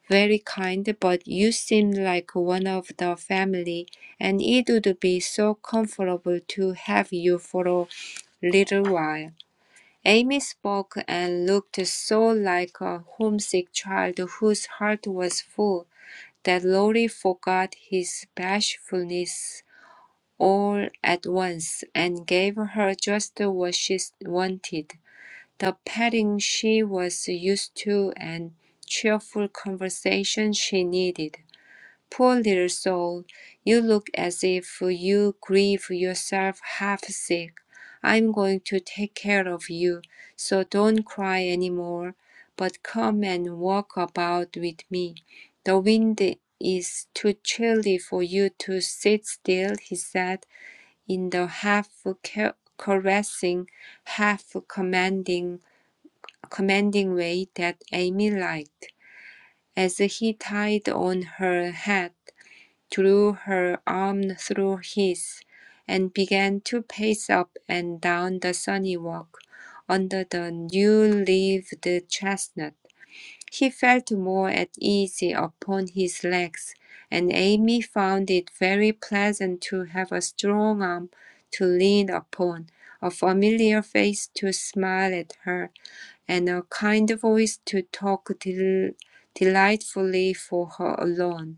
[SPEAKER 3] very kind, but you seem like one of the family, and it would be so comfortable to have you for a little while. Amy spoke and looked so like a homesick child whose heart was full that Lorry forgot his bashfulness all at once and gave her just what she wanted the petting she was used to and cheerful conversation she needed. Poor little soul, you look as if you grieve yourself half sick. I'm going to take care of you, so don't cry any more, but come and walk about with me. The wind is too chilly for you to sit still, he said, in the half caressing, half commanding, commanding way that Amy liked, as he tied on her hat drew her arm through his, and began to pace up and down the sunny walk under the new-leaved chestnut. He felt more at ease upon his legs, and Amy found it very pleasant to have a strong arm to lean upon, a familiar face to smile at her, and a kind voice to talk del- delightfully for her alone.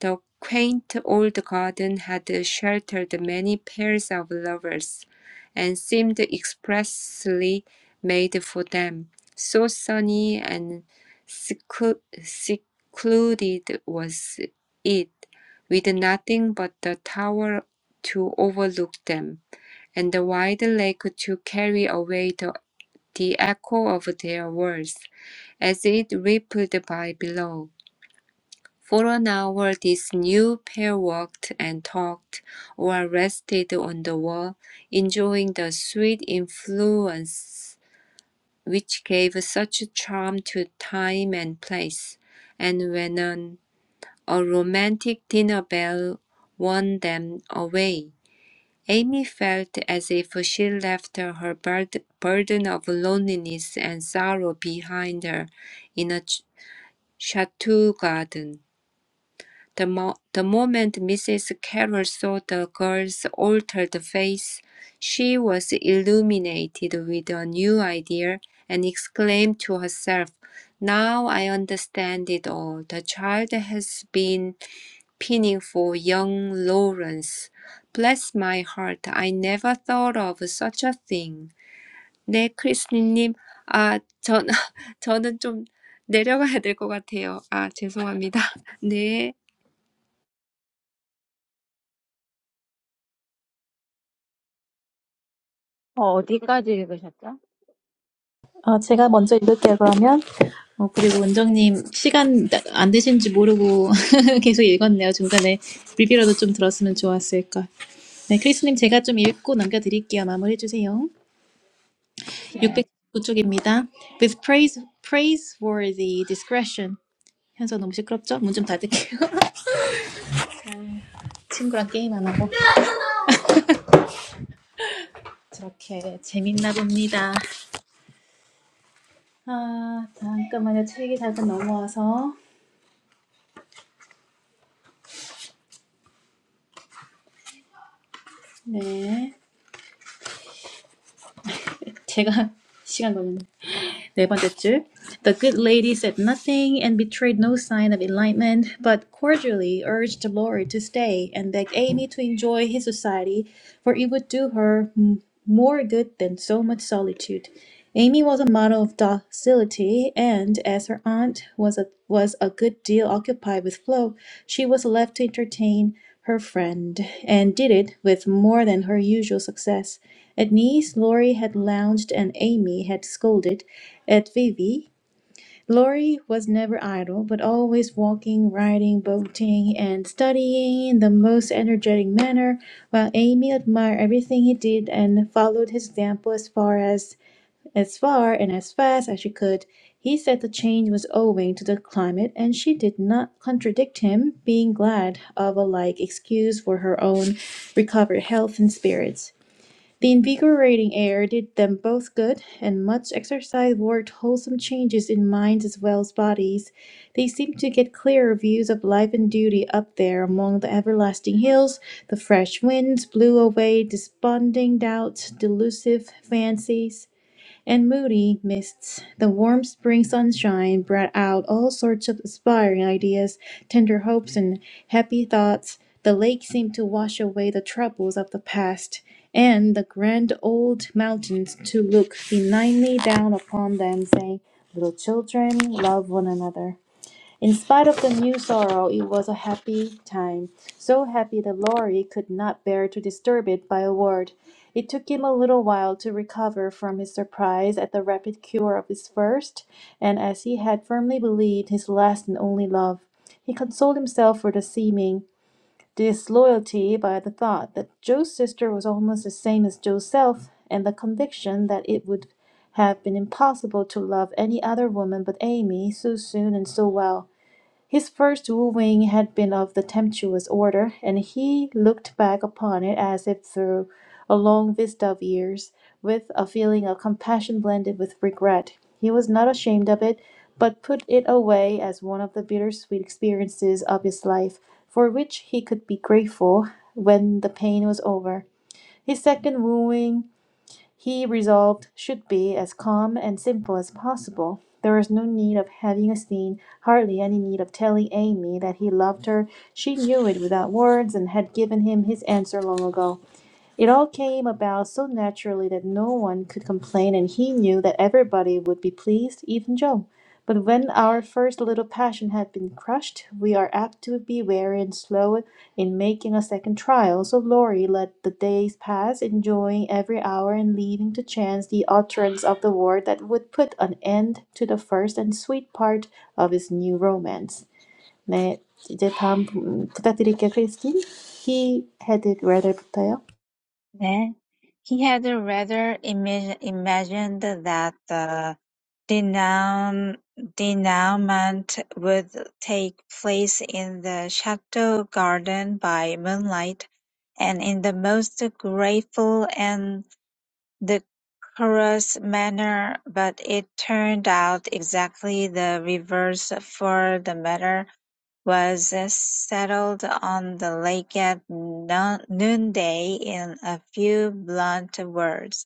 [SPEAKER 3] The quaint old garden had sheltered many pairs of lovers, and seemed expressly made for them, so sunny and seclu- secluded was it, with nothing but the tower to overlook them, and the wide lake to carry away the, the echo of their words, as it rippled by below. For an hour this new pair walked and talked, or rested on the wall, enjoying the sweet influence which gave such charm to time and place. And when an, a romantic dinner bell won them away, Amy felt as if she left her burden of loneliness and sorrow behind her in a chateau garden. The, mo- the moment Mrs. Carroll saw the girl's altered face, she was illuminated with a new idea and exclaimed to herself, Now I understand it all. The child has been pining for young Lawrence. Bless my heart, I never thought of such a thing. 네, 크리스님, 아, 전, [LAUGHS] 저는 좀 내려가야 될 것 같아요. 아, 죄송합니다. [LAUGHS] 네.
[SPEAKER 4] 어, 어디까지 읽으셨죠?
[SPEAKER 2] 어, 제가 먼저 읽을게요, 그러면. 어, 그리고 원정님, 시간 나- 안 되신지 모르고 [LAUGHS] 계속 읽었네요. 중간에 리뷰라도 좀 들었으면 좋았을까. 네, 크리스님 제가 좀 읽고 남겨드릴게요. 마무리해 주세요.
[SPEAKER 4] 네.
[SPEAKER 2] 609쪽입니다. With praise, praiseworthy discretion. 현서 너무 시끄럽죠? 문 좀 닫을게요. [LAUGHS] 친구랑 게임 안 하고 저렇게 재밌나 봅니다. 아 잠깐만요. 책이 잠깐 넘어와서 네 제가 [LAUGHS] 시간 걸렸네. 네 번째 줄. The good lady said nothing and betrayed no sign of enlightenment, but cordially urged Lori to stay and begged Amy to enjoy his society, for it would do her m- more good than so much solitude. Amy was a model of docility, and as her aunt was a, was a good deal occupied with Flo, she was left to entertain her friend, and did it with more than her usual success. At Nice, Laurie had lounged and Amy had scolded. At Vivi, Laurie was never idle, but always walking, riding, boating, and studying in the most energetic manner, while Amy admired everything he did and followed his example as far as as far and as fast as she could, he said the change was owing to the climate, and she did not contradict him, being glad of a like excuse for her own recovered health and spirits. The invigorating air did them both good, and much exercise worked wholesome changes in minds as well as bodies. They seemed to get clearer views of life and duty up there among the everlasting hills. The fresh winds blew away desponding doubts, delusive fancies and moody mists, the warm spring sunshine brought out all sorts of inspiring ideas, tender hopes, and happy thoughts. The lake seemed to wash away the troubles of the past, and the grand old mountains to look benignly down upon them, saying, Little children, love one another. In spite of the new sorrow, it was a happy time, so happy that Laurie could not bear to disturb it by a word. It took him a little while to recover from his surprise at the rapid cure of his first, and as he had firmly believed, his last and only love. He consoled himself for the seeming disloyalty by the thought that Joe's sister was almost the same as Joe's self, and the conviction that it would have been impossible to love any other woman but Amy so soon and so well. His first wooing had been of the tempestuous order, and he looked back upon it as if through a long vista of years, with a feeling of compassion blended with regret. He was not ashamed of it, but put it away as one of the bittersweet experiences of his life, for which he could be grateful when the pain was over. His second wooing he resolved should be as calm and simple as possible. There was no need of having a scene, hardly any need of telling Amy that he loved her. She knew it without words, and had given him his answer long ago. It all came about so naturally that no one could complain, and he knew that everybody would be pleased, even Joe. But when our first little passion had been crushed, we are apt to be wary and slow in making a second trial. So Laurie let the days pass, enjoying every hour and leaving to chance the utterance of the word that would put an end to the first and sweet part of his new romance. 네, 이제 다음 부- 부탁드릴게요, 크리스틴. He had it rather부터요.
[SPEAKER 4] 네. He had rather imag- imagined that the denouement denouement would take place in the chateau garden by moonlight, and in the most grateful and The chorus manner, but it turned out exactly the reverse for the matter, was settled on the lake at no- noonday in a few blunt words.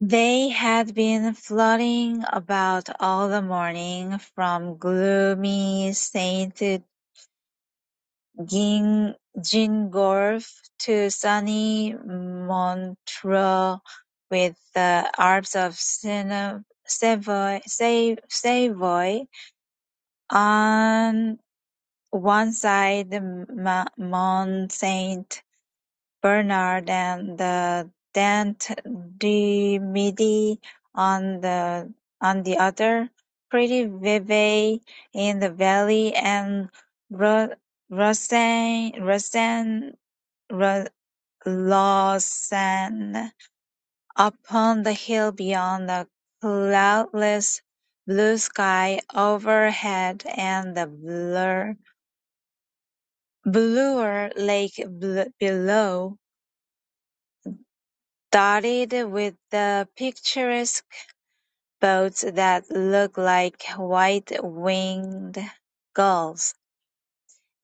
[SPEAKER 4] They had been floating about all the morning, from gloomy St. Gingolf to sunny Montreux with the Alps of Savoy Savoy on one side, Mont Saint Bernard and the Dent du Midi on the on the other, pretty Vevey in the valley and Ro- Rosen Lausanne, upon the hill beyond the cloudless blue sky overhead and the blur, bluer lake bl- below, dotted with the picturesque boats that look like white-winged gulls.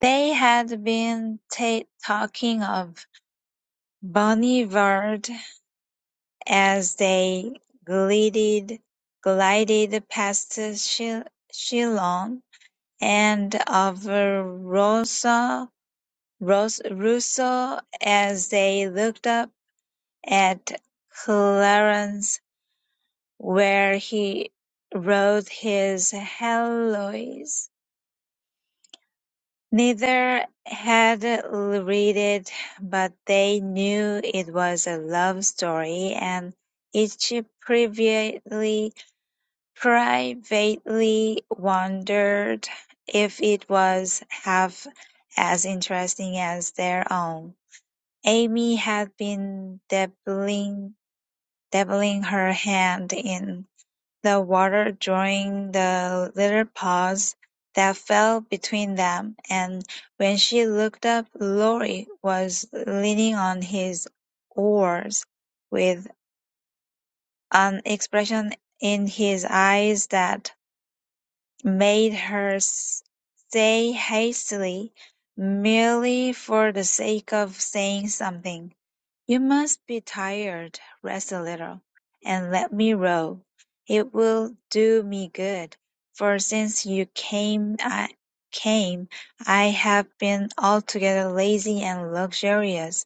[SPEAKER 4] They had been ta talking of Bonnie Verde as they glided glided past Shillong and of Rosa, Ros- Russo as they looked up at Clarence where he rode his Heloise. Neither had read it, but they knew it was a love story, and each previously Privately wondered if it was half as interesting as their own. Amy had been dabbling dabbling her hand in the water during the little pause that fell between them, and when she looked up Laurie was leaning on his oars with an expression in his eyes that made her s- say hastily, merely for the sake of saying something, "You must be tired. Rest a little, and let me row. It will do me good, for since you came, I came, I have been altogether lazy and luxurious.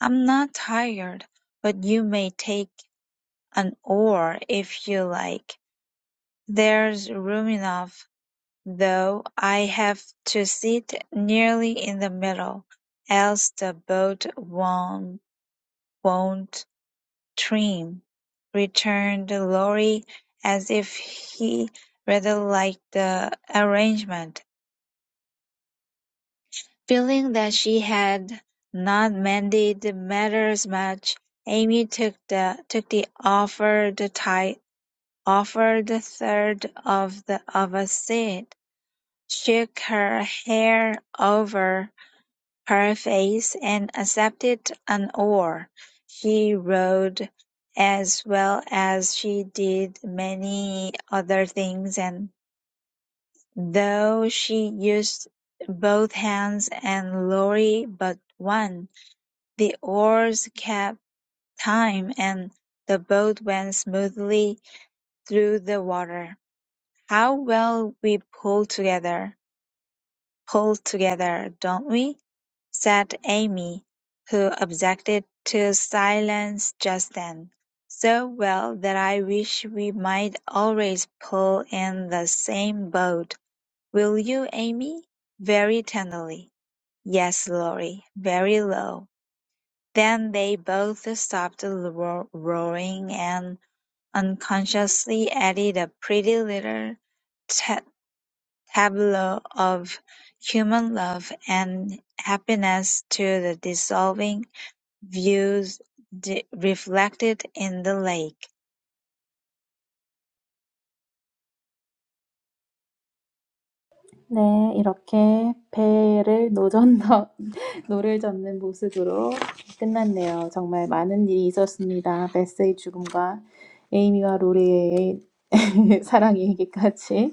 [SPEAKER 4] I'm not tired, but you may take an oar if you like. There's room enough though I have to sit nearly in the middle, else the boat won't, won't trim, returned Lorry as if he rather liked the arrangement. Feeling that she had not mended matters much, Amy took the took the offered tie offered third of the of a seat, shook her hair over Her Paraphrased and accepted an award, she rowed as well as she did many other things, and though she used both hands and lorry but one. The oars kept time, and the boat went smoothly through the water. How well we pulled together! pull together, don't we? said Amy, who objected to silence just then, so well that I wish we might always pull in the same boat. Will you, Amy? very tenderly. Yes, Laurie, very low. Then they both stopped roar- roaring and unconsciously added a pretty little t. Tableau of human love and happiness to the dissolving views di- reflected in the lake.
[SPEAKER 2] 네, 이렇게 배를 노젓는 [LAUGHS] 노를 젓는 모습으로 끝났네요. 정말 많은 일이 있었습니다. 베스의 죽음과 에이미와 로리의 [LAUGHS] 사랑 얘기까지.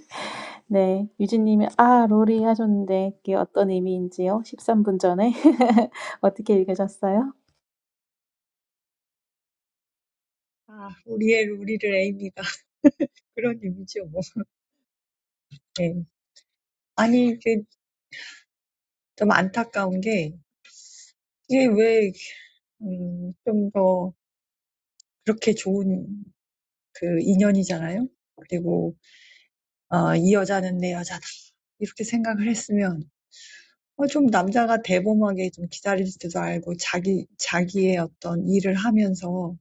[SPEAKER 2] 네, 유진님이 아, 로리 하셨는데 그게 어떤 의미인지요? 13분 전에 [LAUGHS] 어떻게 읽으셨어요?
[SPEAKER 1] 아, 우리의, 우리를 Amy가. 그런 의미죠, 뭐. 네. 아니, 이게 좀 안타까운 게, 이게 왜, 음, 좀 더, 그렇게 좋은 그 인연이잖아요? 그리고, 아, 이 여자는 내 여자다. 이렇게 생각을 했으면, 어, 좀 남자가 대범하게 좀 기다릴 때도 알고, 자기, 자기의 어떤 일을 하면서,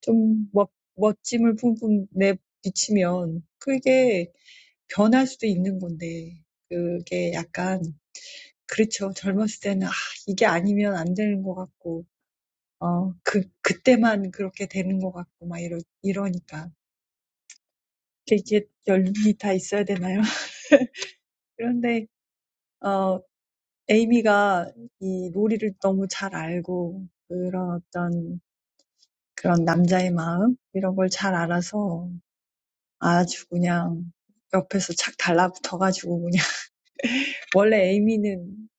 [SPEAKER 1] 좀 멋, 멋짐을 품품 내비치면, 그게 변할 수도 있는 건데, 그게 약간, 그렇죠. 젊었을 때는 아, 이게 아니면 안 되는 것 같고, 어, 그, 그때만 그렇게 되는 것 같고, 막 이러, 이러니까. 이게 이게 연륜이 다 있어야 되나요? [LAUGHS] 그런데, 어, 에이미가 이 로리를 너무 잘 알고, 그런 어떤, 그런 남자의 마음? 이런 걸잘 알아서 아주 그냥 옆에서 착 달라붙어가지고 그냥 원래 에이미는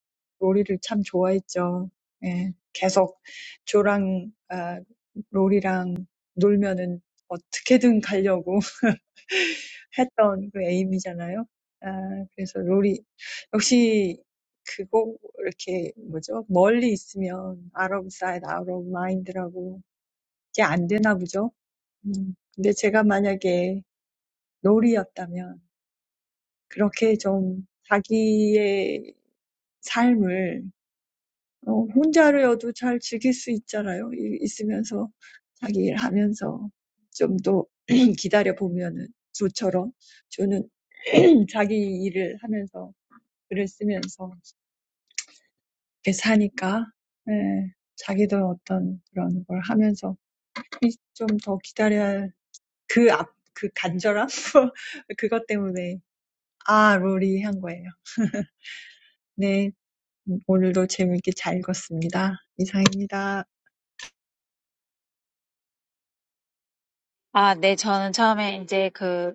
[SPEAKER 1] 로리를 참 좋아했죠. 예, 계속 조랑, 아, 로리랑 놀면은 어떻게든 가려고 [LAUGHS] 했던 그 에이미잖아요. 아, 그래서 로리, 역시 그거, 이렇게, 뭐죠? 멀리 있으면 out of sight, out of mind라고 이게 안 되나 보죠. 음, 근데 제가 만약에 로리였다면 그렇게 좀 자기의 삶을 어, 혼자여도 잘 즐길 수 있잖아요. 이- 있으면서 자기 일 하면서 좀더 [CLEARS THROAT] 기다려 보면은 조처럼 저는 [CLEARS THROAT] 자기 일을 하면서 글을 쓰면서 이렇게 사니까 예, 자기도 어떤 그런 걸 하면서 좀더 기다려야 그 앞, 그 간절함 [LAUGHS] 그것 때문에 아 로리 한 거예요. 네 오늘도 재밌게 잘 읽었습니다. 이상입니다.
[SPEAKER 4] 아, 네, 저는 처음에 이제 그,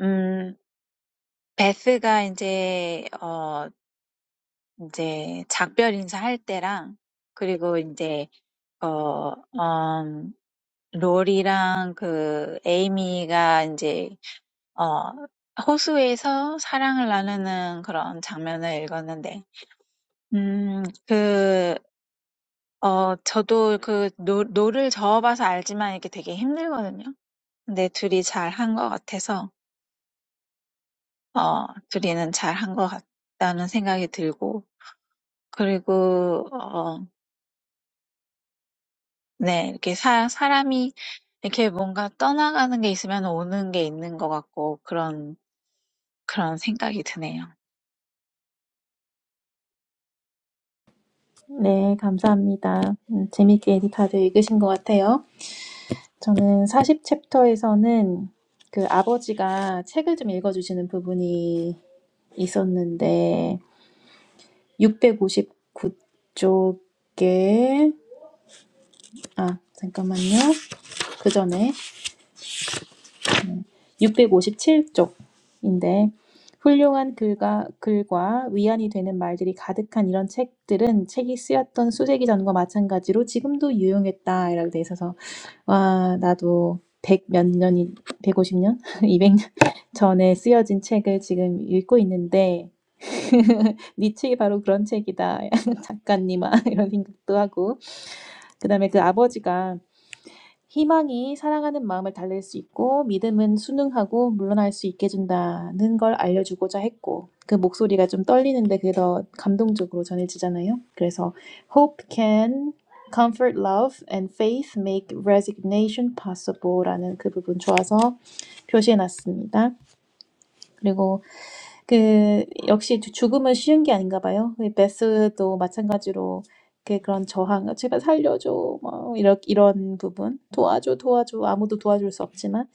[SPEAKER 4] 음, 베스가 이제, 어, 이제 작별 인사할 때랑, 그리고 이제, 어, 음, 롤이랑 그, 에이미가 이제, 어, 호수에서 사랑을 나누는 그런 장면을 읽었는데, 음, 그, 어, 저도 그 노, 노를 저어봐서 알지만 이게 되게 힘들거든요. 근데 둘이 잘한 것 같아서, 어, 둘이는 잘한 것 같다는 생각이 들고, 그리고, 어, 네, 이렇게 사, 사람이 이렇게 뭔가 떠나가는 게 있으면 오는 게 있는 것 같고, 그런, 그런 생각이 드네요.
[SPEAKER 2] 네, 감사합니다. 음, 재밌게 다들 읽으신 것 같아요. 저는 40 챕터에서는 그 아버지가 책을 좀 읽어주시는 부분이 있었는데 659쪽에 아 잠깐만요 그 전에 657쪽인데 훌륭한 글과 글과 위안이 되는 말들이 가득한 이런 책들은 책이 쓰였던 수세기 전과 마찬가지로 지금도 유용했다 이라고 돼 있어서 와 나도 백 몇 년이 150년 [LAUGHS] 전에 쓰여진 책을 지금 읽고 있는데 [LAUGHS] '네 책이 바로 그런 책이다. [LAUGHS] 작가님아.' [LAUGHS] 이런 생각도 하고 그다음에 그 아버지가 "희망이 사랑하는 마음을 달랠 수 있고 믿음은 순응하고 물러날 수 있게 해 준다."는 걸 알려 주고자 했고 그 목소리가 좀 떨리는데 그게 더 감동적으로 전해지잖아요. 그래서 "Hope can comfort love and faith make resignation possible." 라는 그 부분 좋아서 표시해 놨습니다. 그리고 그 역시 주- 죽음은 쉬운 게 아닌가 봐요. 이 베스도 마찬가지로 그 그런 저항, 제발 살려줘, 뭐 이런 이런 부분 도와줘, 도와줘 아무도 도와줄 수 없지만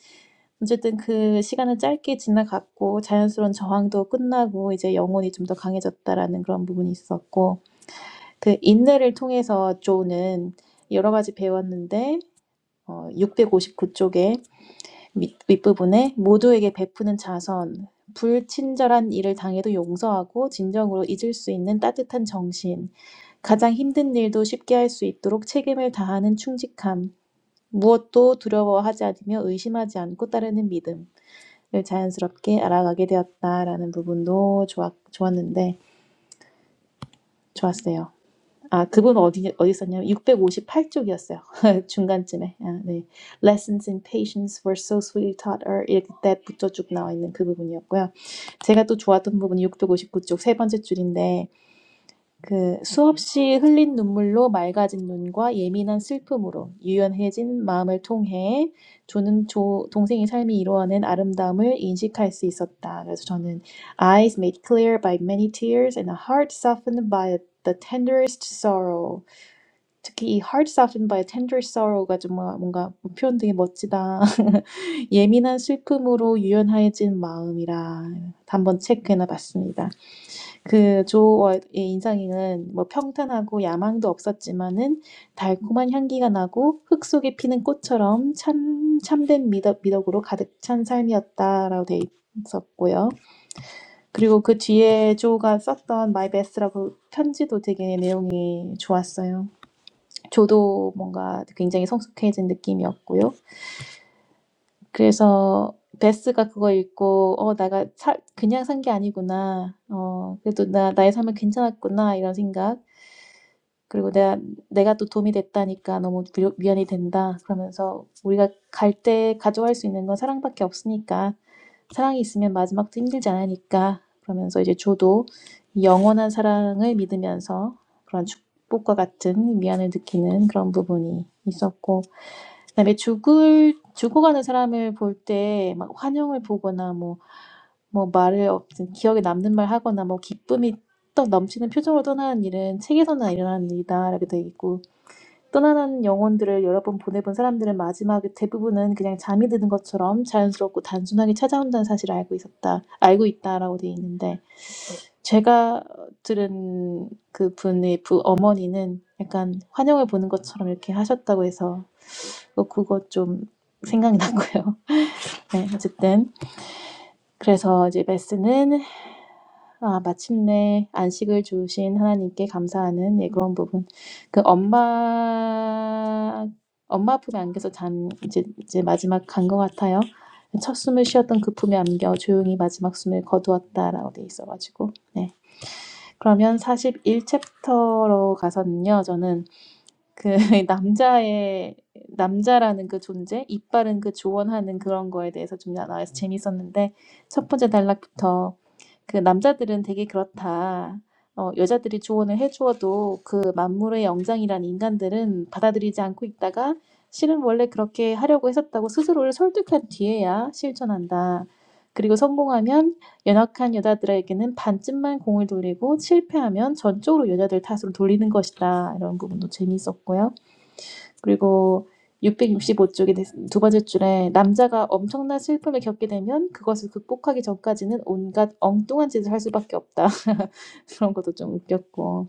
[SPEAKER 2] 어쨌든 그 시간은 짧게 지나갔고 자연스러운 저항도 끝나고 이제 영혼이 좀 더 강해졌다라는 그런 부분이 있었고 그 인내를 통해서 조는 여러 가지 배웠는데 어, 659쪽에 밑, 윗부분에 모두에게 베푸는 자선, 불친절한 일을 당해도 용서하고 진정으로 잊을 수 있는 따뜻한 정신, 가장 힘든 일도 쉽게 할 수 있도록 책임을 다하는 충직함, 무엇도 두려워하지 않으며 의심하지 않고 따르는 믿음을 자연스럽게 알아가게 되었다라는 부분도 좋았, 좋았는데 좋았어요. 아, 그분 어디, 어디 있었냐면 658쪽이었어요. [LAUGHS] 중간쯤에. 아, 네. Lessons in patience were so sweetly taught her. 이렇게 때 붙여 쭉 나와 있는 그 부분이었고요. 제가 또 좋았던 부분이 659쪽 세 번째 줄인데, 그 수없이 흘린 눈물로 맑아진 눈과 예민한 슬픔으로 유연해진 마음을 통해 조는 조, 동생의 삶이 이루어낸 아름다움을 인식할 수 있었다. 그래서 저는 eyes made clear by many tears and a heart softened by the tenderest sorrow. 특히 이 heart softened by a tender sorrow가 정말 뭔가 표현 되게 멋지다. [LAUGHS] 예민한 슬픔으로 유연해진 마음이라 한번 체크해 봤습니다. 그 조의 인상에는 뭐 평탄하고 야망도 없었지만은 달콤한 향기가 나고 흙 속에 피는 꽃처럼 참 참된 미덕, 미덕으로 가득 찬 삶이었다라고 돼 있었고요. 그리고 그 뒤에 조가 썼던 My Best라고 편지도 되게 내용이 좋았어요. 저도 뭔가 굉장히 성숙해진 느낌이었고요. 그래서 베스가 그거 읽고 어 내가 살 그냥 산 게 아니구나. 어 그래도 나 나의 삶은 괜찮았구나 이런 생각. 그리고 내가 내가 또 도움이 됐다니까 너무 미- 미안이 된다. 그러면서 우리가 갈 때 가져갈 수 있는 건 사랑밖에 없으니까 사랑이 있으면 마지막도 힘들지 않으니까 그러면서 이제 저도 이 영원한 사랑을 믿으면서 그런 축복과 같은 미안을 느끼는 그런 부분이 있었고 그다음에 죽을 죽어가는 사람을 볼 때 막 환영을 보거나 뭐 뭐 말을 없든 기억에 남는 말 하거나 뭐 기쁨이 떡 넘치는 표정으로 떠나는 일은 책에서나 일어나는 일이다 이렇게 돼 있고 떠나는 영혼들을 여러 번 보내본 사람들은 마지막에 대부분은 그냥 잠이 드는 것처럼 자연스럽고 단순하게 찾아온다는 사실을 알고 있었다 알고 있다라고 돼 있는데 제가 들은 그 분의 부 어머니는 약간 환영을 보는 것처럼 이렇게 하셨다고 해서 뭐 그거 좀 생각이 났고요. [LAUGHS] 네, 어쨌든 그래서 이제 메스는 아, 마침내 안식을 주신 하나님께 감사하는 예, 그런 부분. 그 엄마 엄마 품에 안겨서 잔 이제 이제 마지막 간 것 같아요. 첫 숨을 쉬었던 그 품에 안겨 조용히 마지막 숨을 거두었다라고 돼 있어가지고 네 그러면 41 챕터로 가서는요 저는 그 [LAUGHS] 남자의 남자라는 그 존재, 이빨은 그 조언하는 그런 거에 대해서 좀 나와서 재밌었는데 첫 번째 단락부터 그 남자들은 되게 그렇다. 어, 여자들이 조언을 해주어도 그 만물의 영장이란 인간들은 받아들이지 않고 있다가 실은 원래 그렇게 하려고 했었다고 스스로를 설득한 뒤에야 실천한다. 그리고 성공하면 연약한 여자들에게는 반쯤만 공을 돌리고 실패하면 전적으로 여자들 탓으로 돌리는 것이다. 이런 부분도 재미있었고요. 그리고 665쪽의 두 번째 줄에 남자가 엄청난 슬픔을 겪게 되면 그것을 극복하기 전까지는 온갖 엉뚱한 짓을 할 수밖에 없다. [LAUGHS] 그런 것도 좀 웃겼고.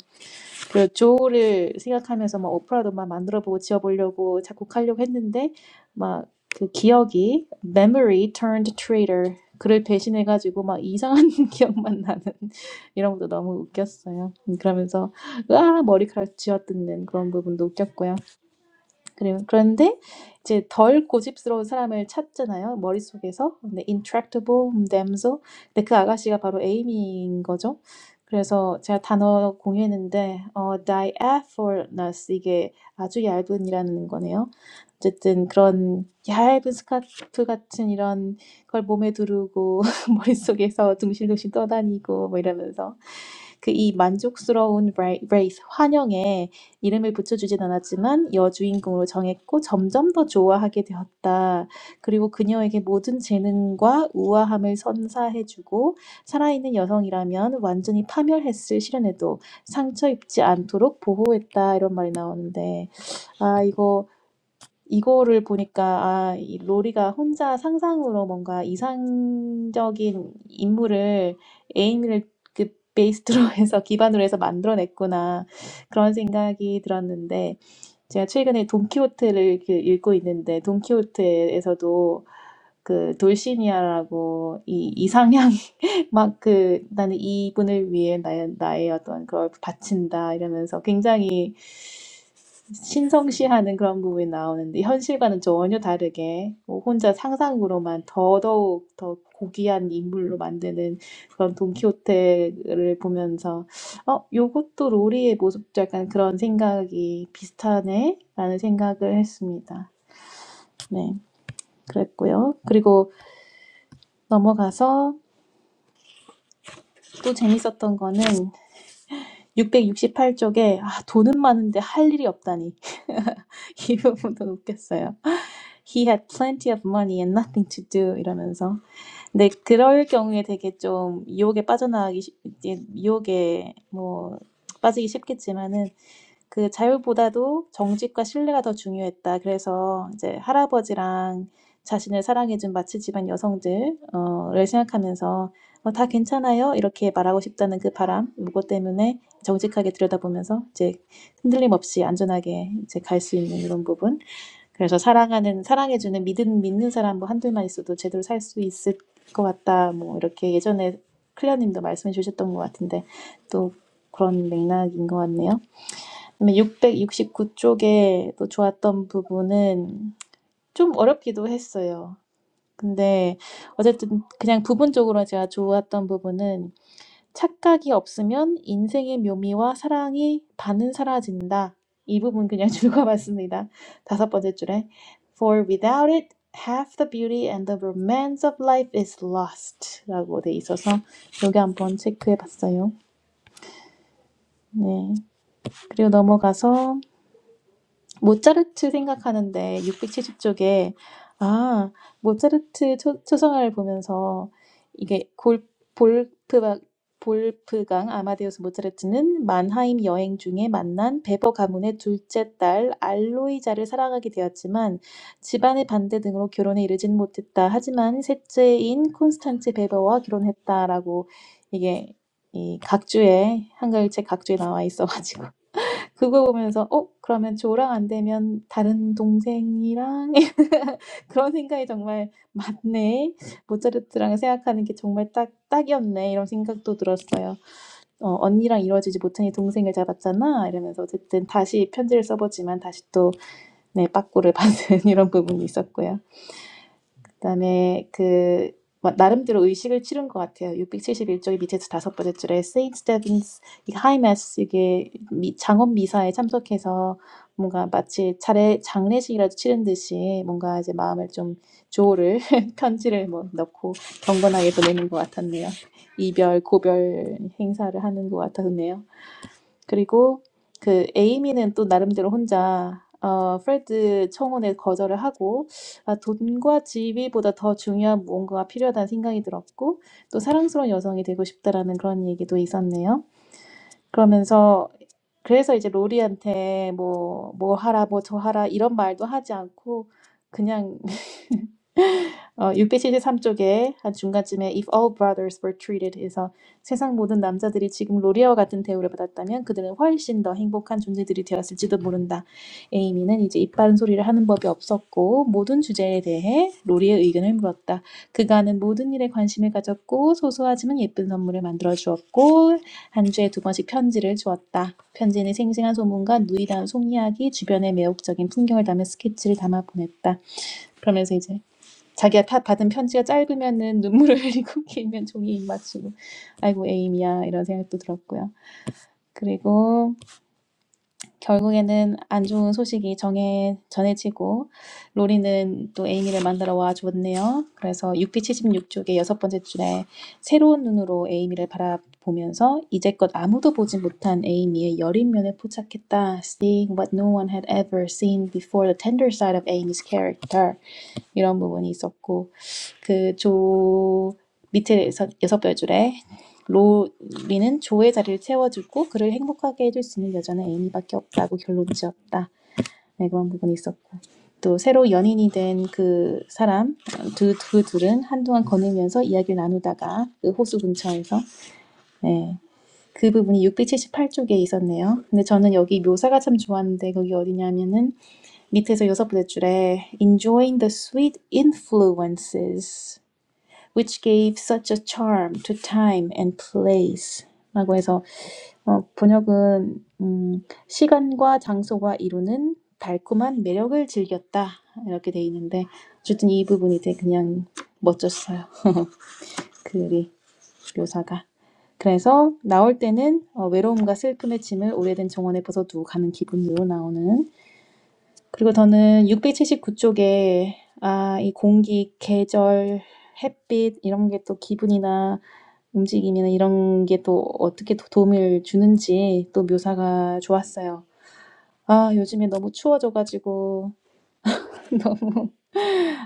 [SPEAKER 2] 그 조를 생각하면서 막 오프라도 막 만들어보고 지어보려고 작곡하려고 했는데 막 그 기억이 memory turned traitor 그를 배신해가지고 막 이상한 [LAUGHS] 기억만 나는 [LAUGHS] 이런 것도 너무 웃겼어요. 음, 그러면서 으아 머리카락 쥐어뜯는 그런 부분도 웃겼고요. 그 그런데 이제 덜 고집스러운 사람을 찾잖아요. 머릿속에서. 근데 intractable damsel. 근데 그 아가씨가 바로 에이미인 거죠. 그래서 제가 단어 공유했는데 어, diaphanous 이게 아주 얇은이라는 거네요. 어쨌든 그런 얇은 스카프 같은 이런 걸 몸에 두르고 [LAUGHS] 머릿속에서 둥실둥실 떠다니고 뭐 이러면서 그 이 만족스러운 레- 레이스 환영에 이름을 붙여주진 않았지만 여주인공으로 정했고 점점 더 좋아하게 되었다. 그리고 그녀에게 모든 재능과 우아함을 선사해주고 살아있는 여성이라면 완전히 파멸했을 시련에도 상처 입지 않도록 보호했다. 이런 말이 나오는데 아 이거 이거를 보니까 아이 로리가 혼자 상상으로 뭔가 이상적인 인물을 에이미를 그 베이스로 [LAUGHS] 해서 기반으로 해서 만들어냈구나 그런 생각이 들었는데 제가 최근에 돈키호테를 그 읽고 있는데 돈키호테에서도 그 돌시니아라고 이 이상향 막 그 '나는 이분을 위해 나의 나의 어떤 그걸 바친다.' 이러면서 굉장히 신성시하는 그런 부분이 나오는데 현실과는 전혀 다르게 뭐 혼자 상상으로만 더더욱 더 고귀한 인물로 만드는 그런 돈키호테를 보면서 '어 요것도 로리의 모습도 약간 그런 생각이 비슷하네.'라는 생각을 했습니다. 네. 그랬고요. 그리고 넘어가서 또 재밌었던 거는 668쪽에 아, 돈은 많은데 할 일이 없다니 [LAUGHS] 이 부분도 웃겼어요. He had plenty of money and nothing to do 이러면서 근데 그럴 경우에 되게 좀 유혹에 빠져나가기 쉽- 이제 유혹에 뭐 빠지기 쉽겠지만은 그 자율보다도 정직과 신뢰가 더 중요했다. 그래서 이제 할아버지랑 자신을 사랑해준 마치 집안 여성들, 어, 를 생각하면서 어, 다 괜찮아요. 이렇게 말하고 싶다는 그 바람, 요거 때문에 정직하게 들여다보면서 이제 흔들림 없이 안전하게 이제 갈 수 있는 이런 부분. 그래서 사랑하는, 사랑해주는 믿은, 믿는 사람 뭐 한둘만 있어도 제대로 살 수 있을 것 같다. 뭐 이렇게 예전에 클리어님도 말씀해 주셨던 것 같은데 또 그런 맥락인 것 같네요. 그다음에 669 쪽에 또 좋았던 부분은 좀 어렵기도 했어요. 근데 어쨌든 그냥 부분적으로 제가 좋았던 부분은 착각이 없으면 인생의 묘미와 사랑이 반은 사라진다. 이 부분 그냥 [LAUGHS] 읽어봤습니다. 다섯 번째 줄에 For without it, half the beauty and the romance of life is lost라고 돼 있어서 여기 한번 체크해봤어요. 네. 그리고 넘어가서 모차르트 생각하는데 670쪽에 아 모차르트 초, 초성화를 보면서 이게 골 볼프바 볼프강 아마데우스 모차르트는 만하임 여행 중에 만난 베버 가문의 둘째 딸 알로이자를 사랑하게 되었지만 집안의 반대 등으로 결혼에 이르진 못했다. 하지만 셋째인 콘스탄츠 베버와 결혼했다라고 이게 이 각주에 한글 책 각주에 나와 있어가지고 그거 보면서 '어 그러면 저랑 안 되면 다른 동생이랑' [LAUGHS] 그런 생각이 정말 '맞네. 모차르트랑 생각하는 게 정말 딱 딱이었네.' 이런 생각도 들었어요. 어 '언니랑 이루어지지 못하니 동생을 잡았잖아.' 이러면서 어쨌든 다시 편지를 써 보지만 다시 또네 빠꾸를 [LAUGHS] 받은 이런 부분이 있었고요. 그다음에 그 뭐 나름대로 의식을 치른 것 같아요. 671쪽의 밑에서 다섯 번째 줄에 Saint Stephen's High Mass 이게 미, 장원 미사에 참석해서 뭔가 마치 차례 장례식이라도 치른 듯이 뭔가 이제 마음을 좀 조를 [LAUGHS] 편지를 뭐 넣고 경건하게 보내는 것 같았네요. 이별 고별 행사를 하는 것 같았네요. 그리고 그 에이미는 또 나름대로 혼자 어, 프레드 청혼에 거절을 하고 아, 돈과 지위보다 더 중요한 무언가가 필요하다는 생각이 들었고 또 사랑스러운 여성이 되고 싶다라는 그런 얘기도 있었네요. 그러면서 그래서 이제 로리한테 뭐 뭐 하라 뭐 저 하라 이런 말도 하지 않고 그냥 어, 673쪽에 한 중간쯤에 If all brothers were treated에서 세상 모든 남자들이 지금 로리아와 같은 대우를 받았다면 그들은 훨씬 더 행복한 존재들이 되었을지도 모른다. 에이미는 이제 입 바른 소리를 하는 법이 없었고 모든 주제에 대해 로리의 의견을 물었다. 그간은 모든 일에 관심을 가졌고 소소하지만 예쁜 선물을 만들어 주었고 한 주에 두 번씩 편지를 주었다. 편지는 생생한 소문과 누이다운 속이야기, 주변의 매혹적인 풍경을 담은 스케치를 담아 보냈다. 그러면서 이제 자기가 파- 받은 편지가 짧으면은 눈물을 [LAUGHS] 흘리고 길면 종이 입맞추고 아이고 에임이야 이런 생각도 들었고요. 그리고 결국에는 안 좋은 소식이 정해 전해지고 로리는 또 에이미를 만나러 와 주었네요. 그래서 6피 76쪽의 여섯 번째 줄에 새로운 눈으로 에이미를 바라보면서 이제껏 아무도 보지 못한 에이미의 여린 면을 포착했다. Seeing what no one had ever seen before the tender side of Amy's character 이런 부분이 있었고 그 조 밑에 서 여섯 별 줄에 로리는 조의 자리를 채워주고 그를 행복하게 해줄 수 있는 여자는 인이밖에 없다고 결론 지었다. 네, 그런 부분이 있었고 또 새로 연인이 된 그 사람 두, 그 둘은 한동안 거닐면서 이야기를 나누다가 그 호수 근처에서 네, 그 부분이 678쪽에 있었네요. 근데 저는 여기 묘사가 참 좋았는데 거기 어디냐면은 밑에서 여섯 번째 줄에 enjoying the sweet influences which gave such a charm to time and place. 라고 해서 어, 번역은 음, 시간과 장소가 이루는 달콤한 매력을 즐겼다 이렇게 돼 있는데 어쨌든 이 부분이 되게 그냥 멋졌어요 글이 묘사가 그래서 나올 때는 어, 외로움과 슬픔의 짐을 오래된 정원에 벗어 두고 가는 기분으로 나오는 그리고 저는 679쪽에 아, 이 공기, 계절, 햇빛 이런 게 또 기분이나 움직임이나 이런 게 또 어떻게 도- 도움을 주는지 또 묘사가 좋았어요. 아, 요즘에 너무 추워져가지고 [LAUGHS] 너무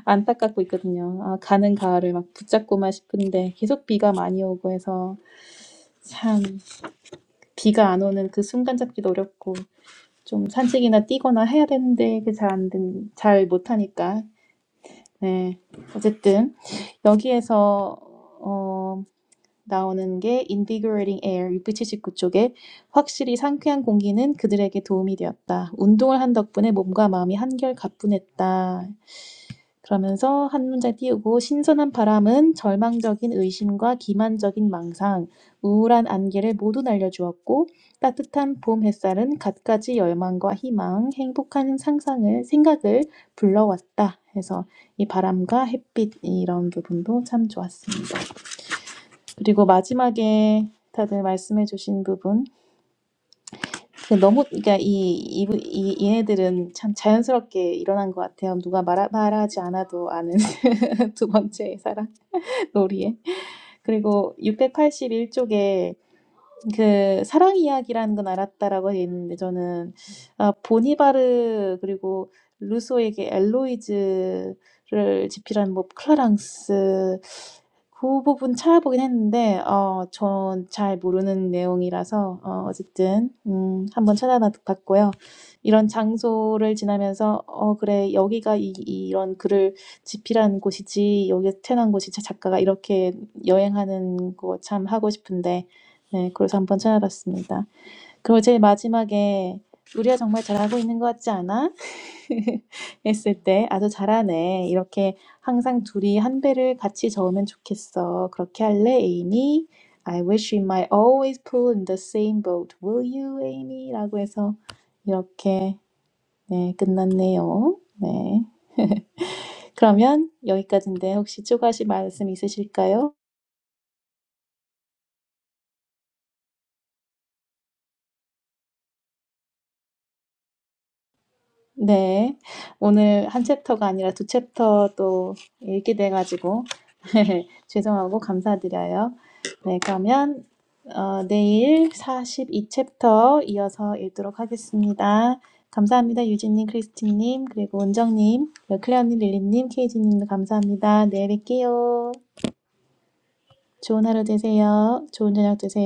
[SPEAKER 2] 안타깝고 있거든요. 아, 가는 가을을 막 붙잡고만 싶은데 계속 비가 많이 오고 해서 참 비가 안 오는 그 순간 잡기도 어렵고 좀 산책이나 뛰거나 해야 되는데 그잘안 된, 잘 못하니까 네. 어쨌든 여기에서 어, 나오는 게 invigorating air 칠7 9쪽에 확실히 상쾌한 공기는 그들에게 도움이 되었다. 운동을 한 덕분에 몸과 마음이 한결 가뿐했다. 그러면서 한 문장 띄우고 신선한 바람은 절망적인 의심과 기만적인 망상, 우울한 안개를 모두 날려주었고 따뜻한 봄 햇살은 갖가지 열망과 희망, 행복한 상상을 생각을 불러왔다. 해서 이 바람과 햇빛 이런 부분도 참 좋았습니다. 그리고 마지막에 다들 말씀해주신 부분 그 너무 그러니까 이, 이, 이 얘네들은 참 자연스럽게 일어난 것 같아요. 누가 말 말하지 않아도 아는 [LAUGHS] 두 번째 사랑. 놀이에 그리고 681쪽에 그 사랑 이야기라는 건 알았다라고 돼 있는데 저는 아 보니바르 그리고 루소에게 엘로이즈를 집필한 뭐 클라랑스 그 부분 찾아보긴 했는데 어전 잘 모르는 내용이라서 어 어쨌든 음 한번 찾아봤고요. 이런 장소를 지나면서 어 그래 여기가 이, 이- 이런 글을 집필한 곳이지 여기서 태어난 곳이 자- 작가가 이렇게 여행하는 거 참 하고 싶은데 네, 그래서 한번 찾아봤습니다. 그리고 제일 마지막에 우리가 정말 잘하고 있는 것 같지 않아? [LAUGHS] 했을 때 아주 잘하네. 이렇게 항상 둘이 한 배를 같이 저으면 좋겠어. 그렇게 할래, Amy? I wish we might always pull in the same boat. Will you, Amy? 라고 해서 이렇게 네, 끝났네요. 네. 그러면 여기까지인데 혹시 추가하실 말씀 있으실까요? 네. 오늘 한 챕터가 아니라 두 챕터 또 읽게 돼 가지고 [LAUGHS] 죄송하고 감사드려요. 네. 그러면 어 내일 42 챕터 이어서 읽도록 하겠습니다. 감사합니다. 유진 님, 크리스틴 님, 그리고 은정 님, 네, 클레어 님, 릴리 님, 케이지 님도 감사합니다. 내일 뵐게요. 좋은 하루 되세요. 좋은 저녁 되세요.